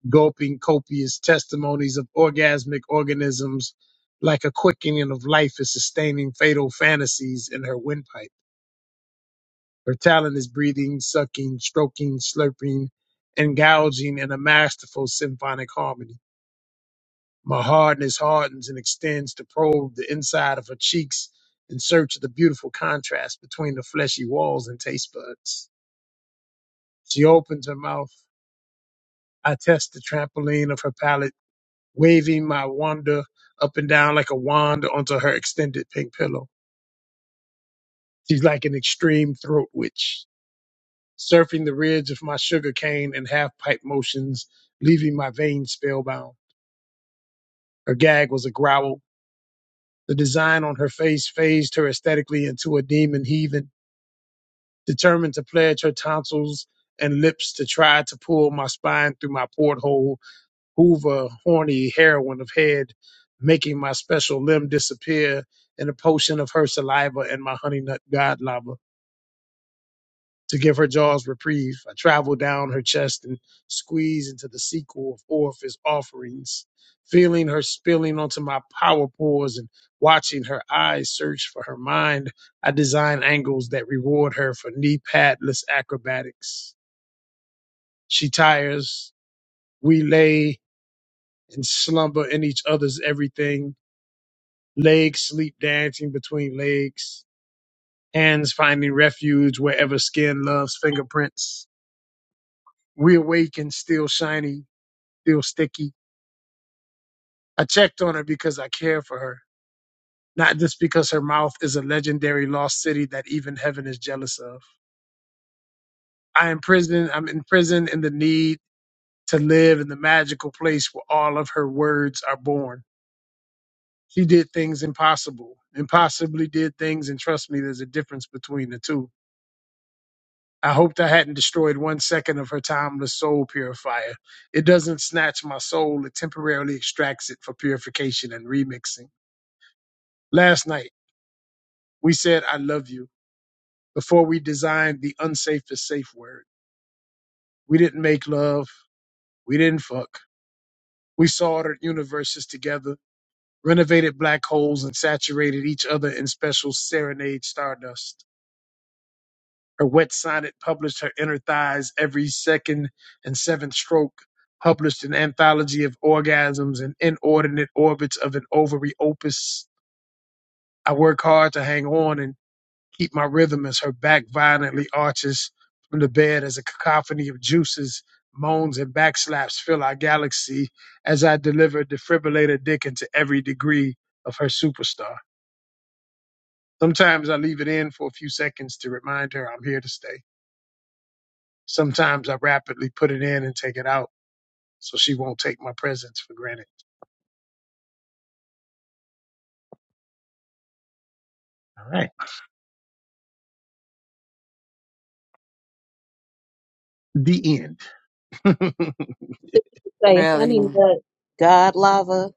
A: gulping copious testimonies of orgasmic organisms like a quickening of life is sustaining fatal fantasies in her windpipe. Her talent is breathing, sucking, stroking, slurping, and gouging in a masterful symphonic harmony. My hardness hardens and extends to probe the inside of her cheeks in search of the beautiful contrast between the fleshy walls and taste buds. She opens her mouth. I test the trampoline of her palate, waving my wanda up and down like a wand onto her extended pink pillow. She's like an extreme throat witch, surfing the ridge of my sugar cane in half pipe motions, leaving my veins spellbound. Her gag was a growl. The design on her face phased her aesthetically into a demon heathen, determined to pledge her tonsils and lips to try to pull my spine through my porthole Hoover, horny heroine of head, making my special limb disappear in a potion of her saliva and my honey nut god lava. To give her jaws reprieve, I travel down her chest and squeeze into the sequel of Orpheus' offerings, feeling her spilling onto my power pores and watching her eyes search for her mind. I design angles that reward her for knee padless acrobatics. She tires. We lay and slumber in each other's everything legs sleep dancing between legs, hands finding refuge wherever skin loves fingerprints. We awaken still shiny, still sticky. I checked on her because I care for her, not just because her mouth is a legendary lost city that even heaven is jealous of. I am I'm imprisoned in the need to live in the magical place where all of her words are born. She did things impossible, impossibly did things, and trust me, there's a difference between the two I hoped I hadn't destroyed one second of her timeless soul purifier. It doesn't snatch my soul, it temporarily extracts it for purification and remixing. Last night, we said, I love you before we designed the unsafest safe word. We didn't make love, we didn't fuck. We soldered universes together, renovated black holes, and saturated each other in special serenade stardust. Her wet sonnet published her inner thighs every second and seventh stroke, published an anthology of orgasms and inordinate orbits of an ovary opus. I work hard to hang on and keep my rhythm as her back violently arches from the bed as a cacophony of juices, moans, and backslaps fill our galaxy as I deliver defibrillator dick into every degree of her superstar. Sometimes I leave it in for a few seconds to remind her I'm here to stay. Sometimes I rapidly put it in and take it out so she won't take my presence for granted. All right. The end. (laughs)
L: Say, honey
G: Really,
L: nut, God lava.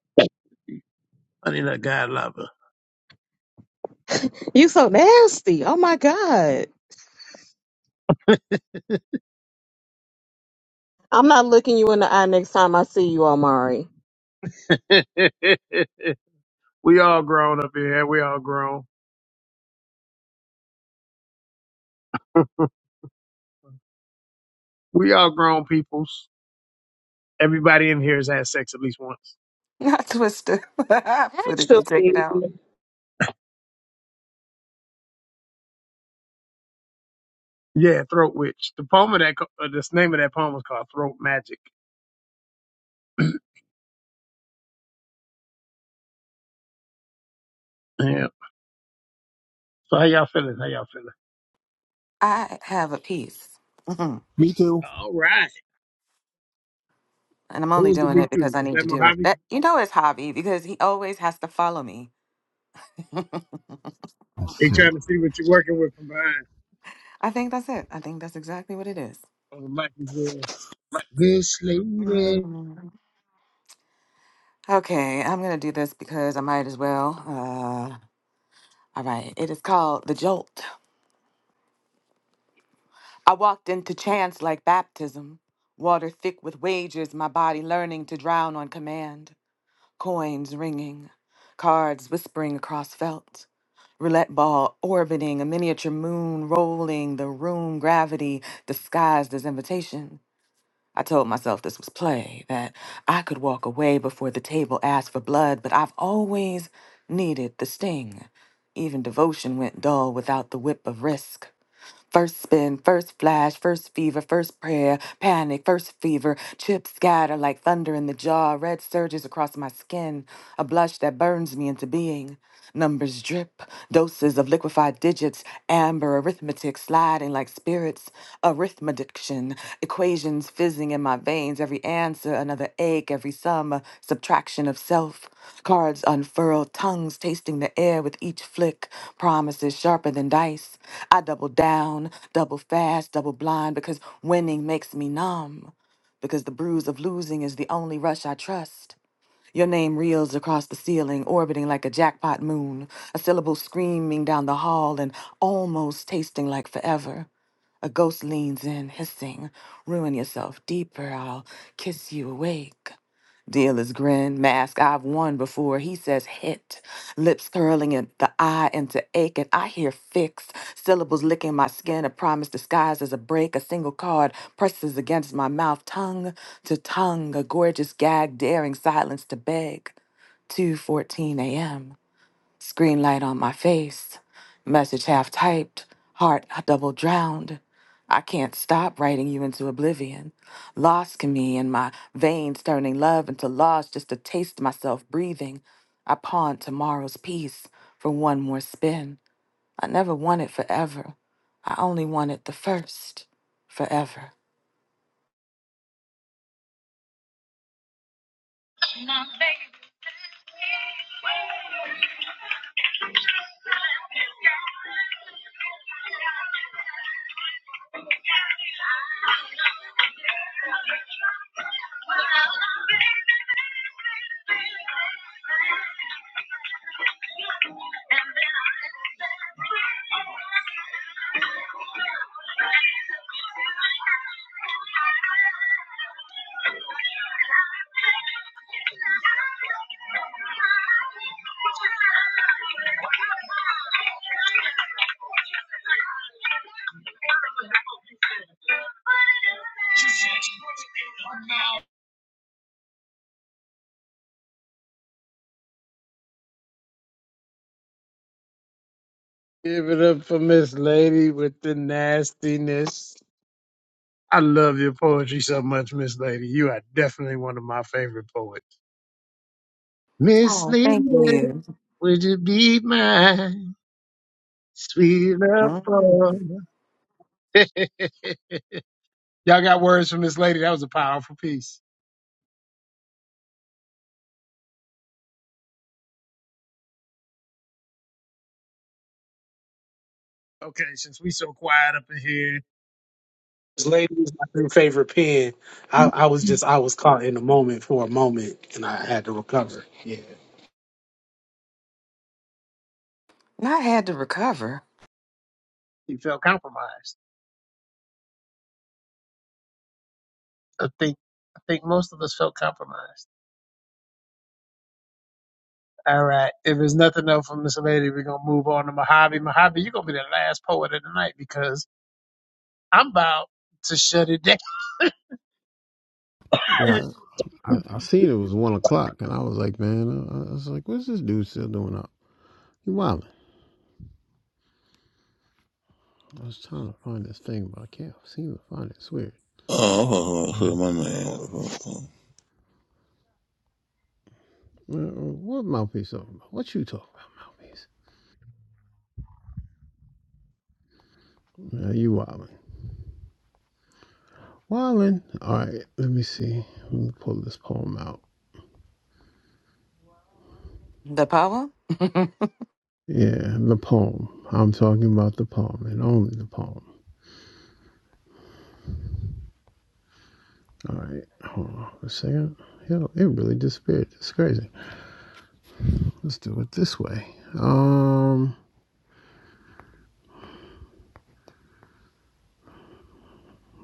A: Honey, that God lover.
L: You so nasty. Oh my God. I'm not looking you in the eye next time I see you, Omari.
A: (laughs) we all grown up in here. We all grown. We all grown peoples. Everybody in here has had sex at least once.
G: not Twister. (laughs) Put it
L: Actually,
G: and take it out.
L: the
A: Yeah, Throat Witch. The poem of that, co- uh, this name of that poem is called Throat Magic. Yeah. So how y'all feeling? How y'all feeling?
G: I have a piece, Mhm.
J: too.
A: All right.
G: and I'm only
A: Who's the
G: doing
A: big
G: it because
A: two?
G: I
A: Is
G: need
A: that
G: to do it.
A: Mojave?
G: That you know it's hobby because he always has to follow me. (laughs)
A: They
J: Shit.
A: trying to see what you're working with from behind.
G: I think that's it. I think that's exactly what it is.
A: Oh, the mic is yours. This lady.
G: Mhm. Okay, I'm gonna do this because I might as well. Uh, all right, it is called The Jolt. I walked into chance like baptism, water thick with wagers, my body learning to drown on command, coins ringing, cards whispering across felt, roulette ball orbiting, a miniature moon rolling, the room gravity disguised as invitation. I told myself this was play, that I could walk away before the table asked for blood, but I've always needed the sting. Even devotion went dull without the whip of risk. First spin, first flash, first fever, first prayer, panic, first fever, chips scatter like thunder in the jaw, red surges across my skin, a blush that burns me into being. Numbers drip, doses of liquefied digits, amber arithmetic sliding like spirits, arithmetic addiction, equations fizzing in my veins, every answer another ache, every sum a subtraction of self, cards unfurled, tongues tasting the air with each flick, promises sharper than dice. I double down, double fast, double blind, because winning makes me numb, because the bruise of losing is the only rush I trust. Your name reels across the ceiling, orbiting like a jackpot moon, a syllable screaming down the hall and almost tasting like forever. A ghost leans in, hissing, ruin yourself deeper, I'll kiss you awake. Dealer's grin, mask I've won before. He says hit, lips curling and the eye into ache, and I hear fixed syllables licking my skin. A promise disguised as a break. A single card presses against my mouth, tongue to tongue. A gorgeous gag, daring silence to beg. 2:14 a.m. Screen light on my face. Message half typed. Heart I double drowned. I can't stop writing you into oblivion. Lost in me in my veins turning love into loss just to taste myself breathing. I pawned tomorrow's peace for one more spin. I never wanted forever. I only wanted the first forever.
A: Give it up for Miss Lady with the nastiness. I love your poetry so much, Miss Lady. You are definitely one of my favorite poets. Miss
G: Oh,
A: Lady,
G: thank you.
A: would you be my sweet love?
G: hmm
A: for? (laughs) Y'all got words from this lady. That was a powerful piece. Okay, since we so quiet up in here,
H: This lady was my new favorite pen. I, I was just I was caught in the moment for a moment, and I had to recover. Yeah.
G: I had to recover
A: he felt compromised. I think I think most of us felt compromised. All right. If there's nothing else from this lady, we're gonna move on to Mojave. Mojave, you're gonna be the last poet of the night because I'm about to shut it down.
J: Yeah,
A: (laughs)
J: I, I seen it was one o'clock, and I was like, man, I, I was like, what's this dude still doing up? He wilding. I was trying to find this thing, but I can't seem to find it. It's weird.
F: oh, oh, oh, oh, my name.
J: Uh, uh, What mouthpiece talking about? What you talking about, mouthpiece? Uh, you wilding? Wilding. All right, let me see. Let me pull this poem out.
G: the poem. (laughs)
J: Yeah, the poem. I'm talking about the poem and only the poem. All right, hold on a second. Hell, it really disappeared. It's crazy. Let's do it this way. Um,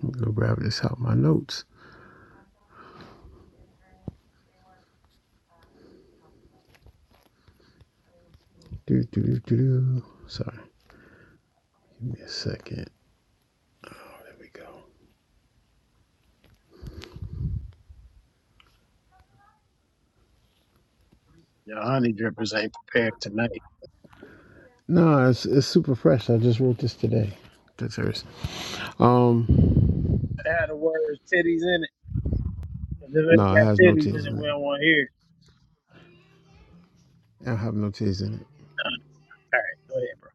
J: I'm gonna grab this out of my notes. Do do do do do. Sorry, give me a second. Oh, there we go.
A: Your honey drippers ain't prepared tonight.
J: No, it's it's super fresh. I just wrote this today. That's hers. Um,
A: It had the words titties in it. And if it ain't
J: no, it
A: got
J: has no
A: titties in
J: T's
A: it,
J: in
A: we
J: it.
A: don't want to hear. it.
J: I have no T's in it.
A: All right, go ahead, bro.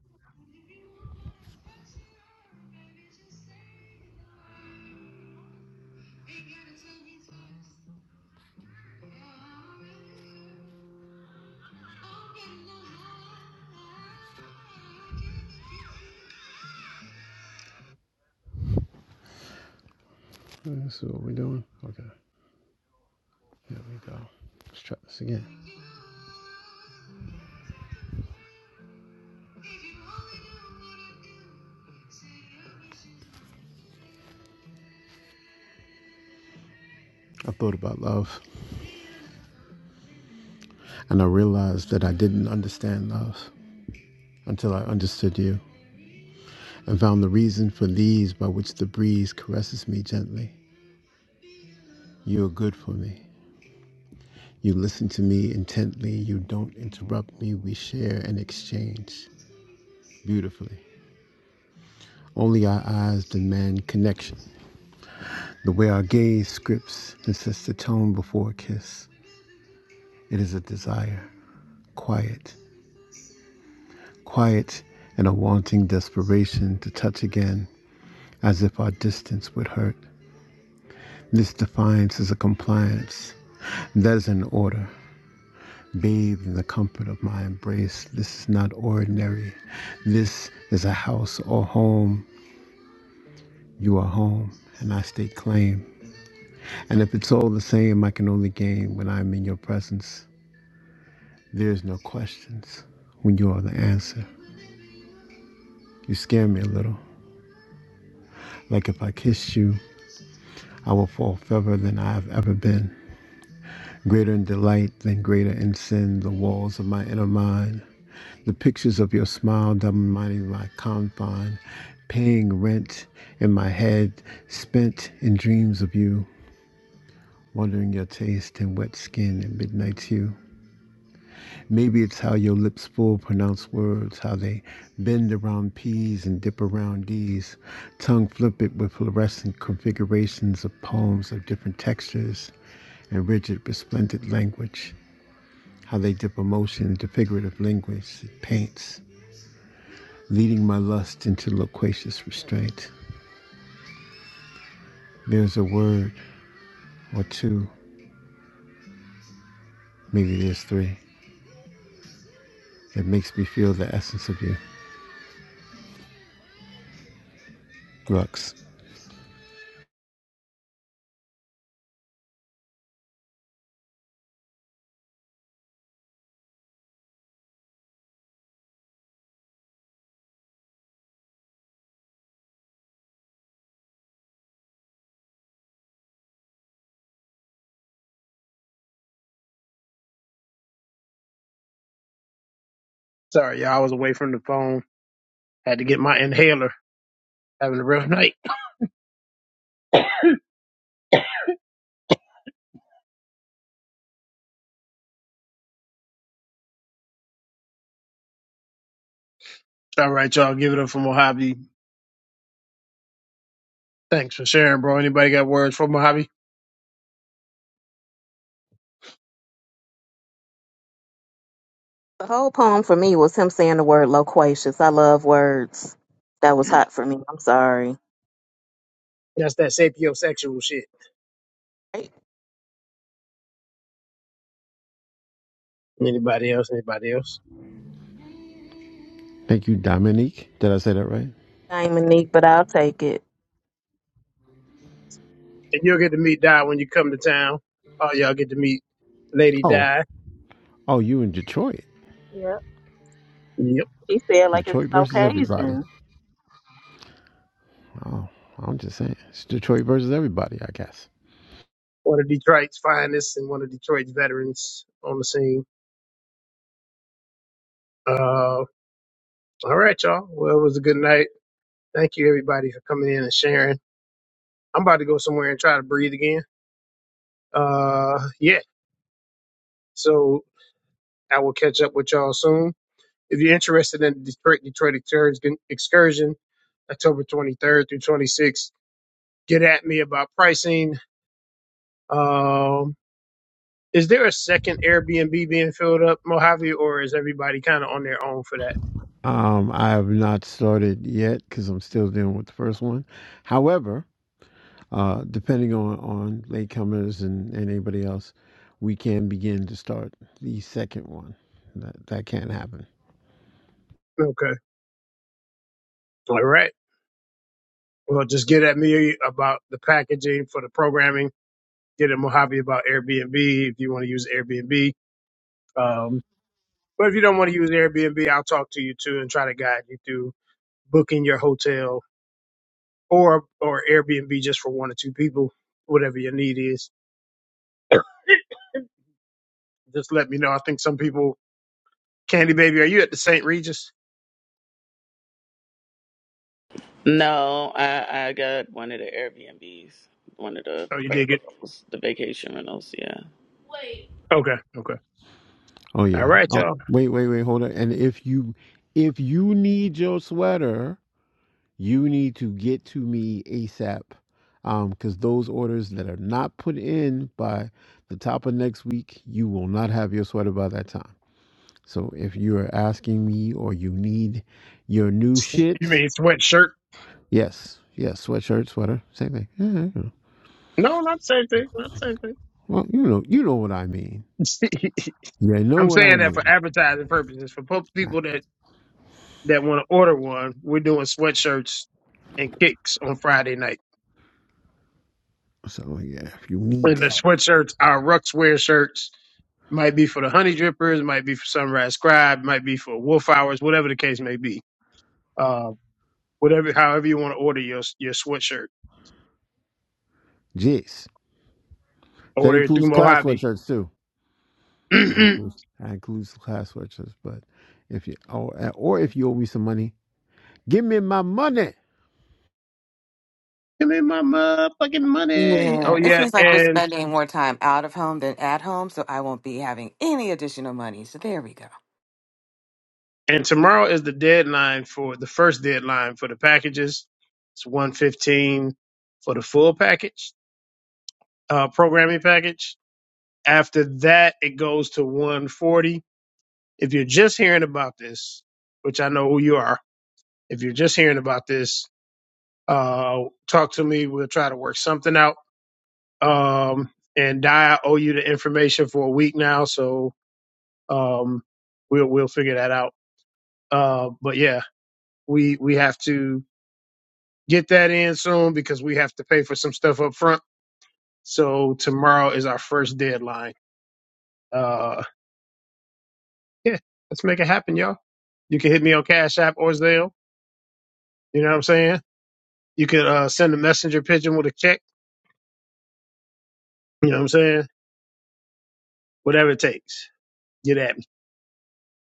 J: That's what we're doing. Okay, here we go. Let's try this again. I thought about love, and I realized that I didn't understand love until I understood you. and found the reason for these by which the breeze caresses me gently. You are good for me. You listen to me intently. You don't interrupt me. We share and exchange beautifully. Only our eyes demand connection. The way our gaze scripts and sets the tone before a kiss. It is a desire, quiet, quiet, and a wanting desperation to touch again, as if our distance would hurt. This defiance is a compliance. That is an order. Bathed in the comfort of my embrace, this is not ordinary. This is a house or home. You are home, and I stake claim. And if it's all the same, I can only gain when I'm in your presence. There's no questions when you are the answer. You scare me a little. Like if I kiss you, I will fall further than I have ever been. Greater in delight than greater in sin, the walls of my inner mind. The pictures of your smile dominating my confine, paying rent in my head, spent in dreams of you, wondering your taste and wet skin and midnight hue. Maybe it's how your lips full pronounce words, how they bend around P's and dip around D's, tongue flip it with fluorescent configurations of poems of different textures and rigid, resplendent language, how they dip emotion into figurative language it paints leading my lust into loquacious restraint. There's a word or two, maybe there's three, that makes me feel the essence of you. Lux.
A: Sorry, y'all. I was away from the phone. Had to get my inhaler. Having a rough (laughs) night. All right, y'all, give it up for Mojave. Thanks for sharing, bro. Anybody got words for Mojave?
L: whole poem for me was him saying the word loquacious. I love words. That was hot for me. I'm sorry.
A: That's that sapiosexual shit.
L: Right?
A: Anybody else? Anybody else?
J: Thank you, Dominique. Did I say that right?
L: I ain't Monique, but I'll take it.
A: And you'll get to meet Di when you come to town. All y'all get to meet Lady
J: Oh,
A: Di.
J: oh, you in Detroit.
L: Yeah.
A: Yep.
L: He said like it's
J: Detroit
L: an
J: versus everybody.
L: occasion.
J: Oh, I'm just saying. It's Detroit versus everybody, I guess.
A: One of Detroit's finest and one of Detroit's veterans on the scene. Uh, all right, y'all. Well, it was a good night. Thank you, everybody, for coming in and sharing. I'm about to go somewhere and try to breathe again. Uh, yeah. So I will catch up with y'all soon. If you're interested in the Detroit Detroit excursion, excursion October 23rd through 26th, get at me about pricing. Um, is there a second Airbnb being filled up, Mojave, or is everybody kind of on their own for that?
J: Um, I have not started yet because I'm still dealing with the first one. However, uh, depending on on latecomers and, and anybody else, we can begin to start the second one. That that can't happen.
A: Okay. All right. Well, just get at me about the packaging for the programming. Get at Mojave about Airbnb if you want to use Airbnb. Um, but if you don't want to use Airbnb, I'll talk to you too and try to guide you through booking your hotel or or Airbnb just for one or two people, whatever your need is. Just let me know. I think some people, Candy Baby, are you at the St. Regis?
B: No, I I got one of the Airbnbs, one of the
A: Oh, you did get
B: rentals, the vacation rentals. Yeah.
A: okay, okay.
J: Oh
A: All
J: yeah.
A: right,
J: Oh
A: y'all.
J: wait, wait, wait, hold on. And if you if you need your sweater, you need to get to me ASAP. Um, because those orders that are not put in by the top of next week, you will not have your sweater by that time. So if you are asking me or you need your new
A: You
J: shit,
A: mean sweatshirt?
J: Yes, yes, sweatshirt, sweater, same thing. Yeah, you know.
A: No, not the same thing. Not the
J: well, you know, you know what I mean.
A: same thing.
J: You
A: (laughs)
J: know
A: I'm
J: what
A: saying
J: I
A: that for
J: mean.
A: advertising purposes. For po-
J: Right.
A: people that that want to order one, we're doing sweatshirts and kicks on Friday night.
J: So yeah, if you need
A: And the
J: that,
A: sweatshirts, our Ruxwear shirts, might be for the Honey Drippers, might be for Sunrise Scribe, might be for Wolf Hours, whatever the case may be uh, whatever, however you want to order your your sweatshirt,
J: jeez, that
A: order it through
J: includes class
A: Mojave.
J: sweatshirts too.
A: (clears throat)
J: That
A: Give
J: includes that includes class sweatshirts. But if you or or if you owe me some money, give me my money.
A: me my motherfucking money. Oh
G: Yeah, it
A: yeah,
G: seems like we're
A: and
G: spending more time out of home than at home, so I won't be having any additional money. So there we go.
A: and tomorrow is the deadline for the first deadline for the packages. It's one fifteen for the full package, uh, programming package. After that, it goes to one forty. If you're just hearing about this, which I know who you are, if you're just hearing about this, uh, talk to me. We'll try to work something out Um, and Di, I owe you the information for a week now, so um, we'll we'll figure that out. Uh, but yeah, we we have to get that in soon because we have to pay for some stuff up front. So tomorrow is our first deadline. Uh, yeah, let's make it happen, y'all. You can hit me on Cash App or Zelle. You know what I'm saying? You can uh, send a messenger pigeon with a check. You know what I'm saying? Whatever it takes. Get at me.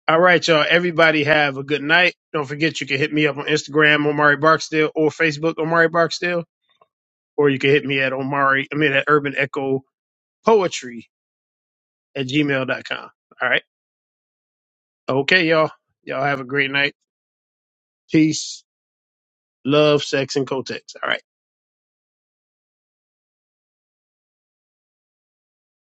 A: All right, y'all. Everybody have a good night. Don't forget you can hit me up on Instagram, Omari Barksdale, or Facebook, Omari Barksdale, or you can hit me at Omari, I mean at Urban Echo Poetry at Gmail dot com. All right. Okay, y'all. Y'all have a great night. Peace, love, sex, and Kotex. All right.